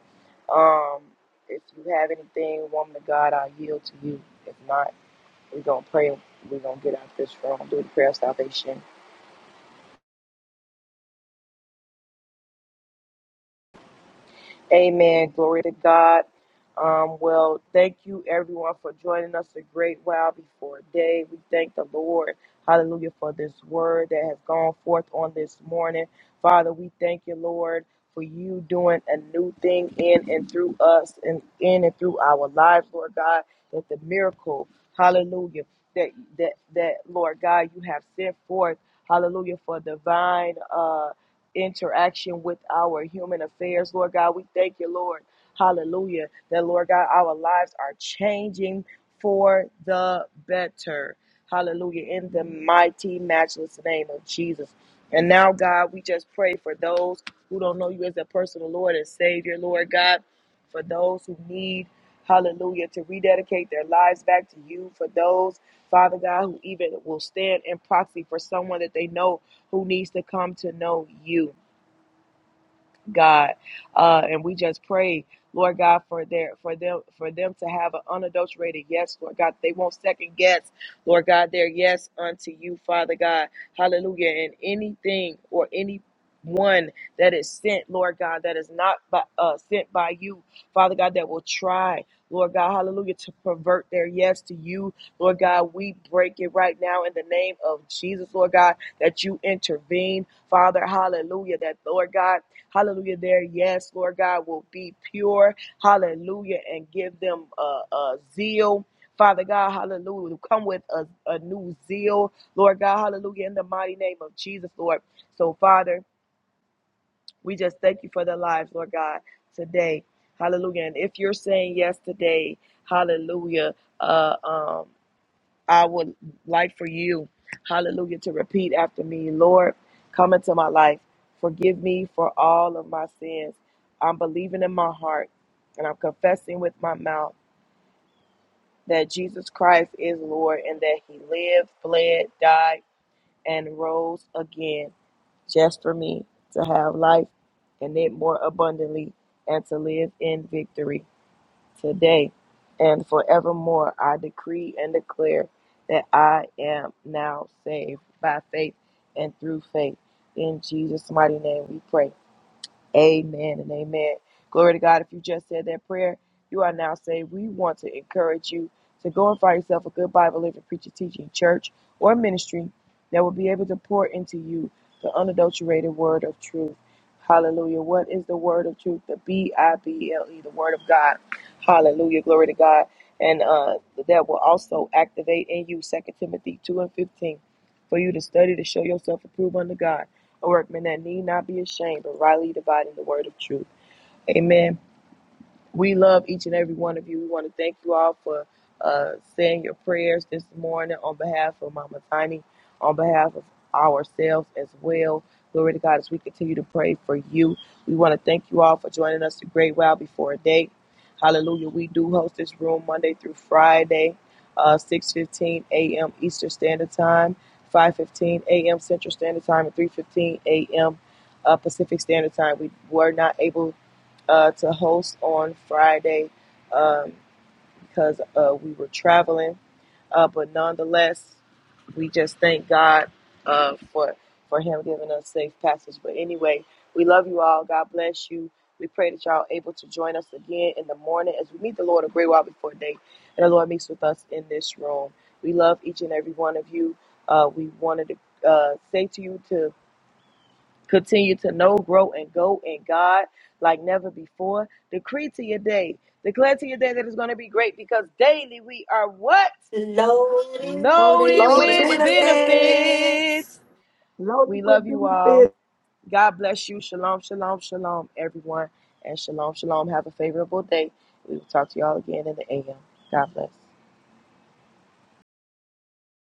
Speaker 2: um, if you have anything, woman of God, I yield to you. If not, we're going to pray. We're going to get out of this room, do the prayer of salvation. Amen. Glory to God. Um, well, thank you everyone for joining us a great while before day. We thank the Lord, hallelujah, for this word that has gone forth on this morning. Father, we thank you, Lord, for you doing a new thing in and through us and in and through our lives, Lord God, that the miracle, hallelujah, that that that Lord God, you have sent forth, hallelujah, for divine uh interaction with our human affairs. Lord God, we thank you, Lord. Hallelujah. That, Lord God, our lives are changing for the better. Hallelujah. In the mighty, matchless name of Jesus. And now, God, we just pray for those who don't know you as a personal Lord and Savior, Lord God, for those who need, hallelujah, to rededicate their lives back to you, for those, Father God, who even will stand in proxy for someone that they know who needs to come to know you. God, uh, and we just pray, Lord God, for their for them for them to have an unadulterated yes, Lord God. They won't second guess, Lord God, their yes unto you, Father God. Hallelujah. And anything or any one that is sent, Lord God, that is not by, uh, sent by you, Father God, that will try, Lord God, hallelujah, to pervert their yes to you, Lord God. We break it right now in the name of Jesus, Lord God, that you intervene, Father, hallelujah, that, Lord God Hallelujah. Their yes, Lord God, will be pure. Hallelujah. And give them a, a zeal. Father God, hallelujah. Come with a, a new zeal, Lord God, hallelujah, in the mighty name of Jesus, Lord. So, Father, we just thank you for their lives, Lord God, today. Hallelujah. And if you're saying yes today, hallelujah. Uh, um, I would like for you, hallelujah, to repeat after me. Lord, come into my life. Forgive me for all of my sins. I'm believing in my heart and I'm confessing with my mouth that Jesus Christ is Lord and that he lived, bled, died, and rose again just for me to have life and it more abundantly and to live in victory today and forevermore I decree and declare that I am now saved by faith and through faith. In Jesus' mighty name we pray. Amen and amen. Glory to God. If you just said that prayer, you are now saved. We want to encourage you to go and find yourself a good Bible living preacher teaching church or ministry that will be able to pour into you the unadulterated word of truth. Hallelujah. What is the word of truth? The B I B L E, the word of God. Hallelujah. Glory to God. And uh, that will also activate in you Second Timothy 2 and 15 for you to study to show yourself approved unto God workman that need not be ashamed, but rightly dividing the word of truth. Amen. We love each and every one of you. We want to thank you all for uh, saying your prayers this morning on behalf of Mama Tiny, on behalf of ourselves as well. Glory to God as we continue to pray for you. We want to thank you all for joining us a great while before day. Hallelujah. We do host this room Monday through Friday, uh, 6.15 a.m. Eastern Standard Time, 5.15 a.m. Central Standard Time, and 3.15 a.m. Uh, Pacific Standard Time. We were not able uh, to host on Friday um, because uh, we were traveling. Uh, but nonetheless, we just thank God uh, for for Him giving us safe passage. But anyway, we love you all. God bless you. We pray that y'all are able to join us again in the morning as we meet the Lord a great while before day, and the Lord meets with us in this room. We love each and every one of you. Uh, we wanted to uh, say to you to Continue to know, grow, and go in God like never before. Decree to your day. Declare to your day that it's going to be great because daily we are what?
Speaker 3: Lord,
Speaker 4: Loaded
Speaker 2: Loaded
Speaker 4: with
Speaker 2: with
Speaker 4: benefits.
Speaker 2: benefits.
Speaker 6: Loaded
Speaker 2: We
Speaker 6: with
Speaker 2: love you all.
Speaker 6: benefits.
Speaker 2: God bless you. Shalom, shalom, shalom, everyone. And shalom, shalom. Have a favorable day. We will talk to y'all again in the AM. God bless.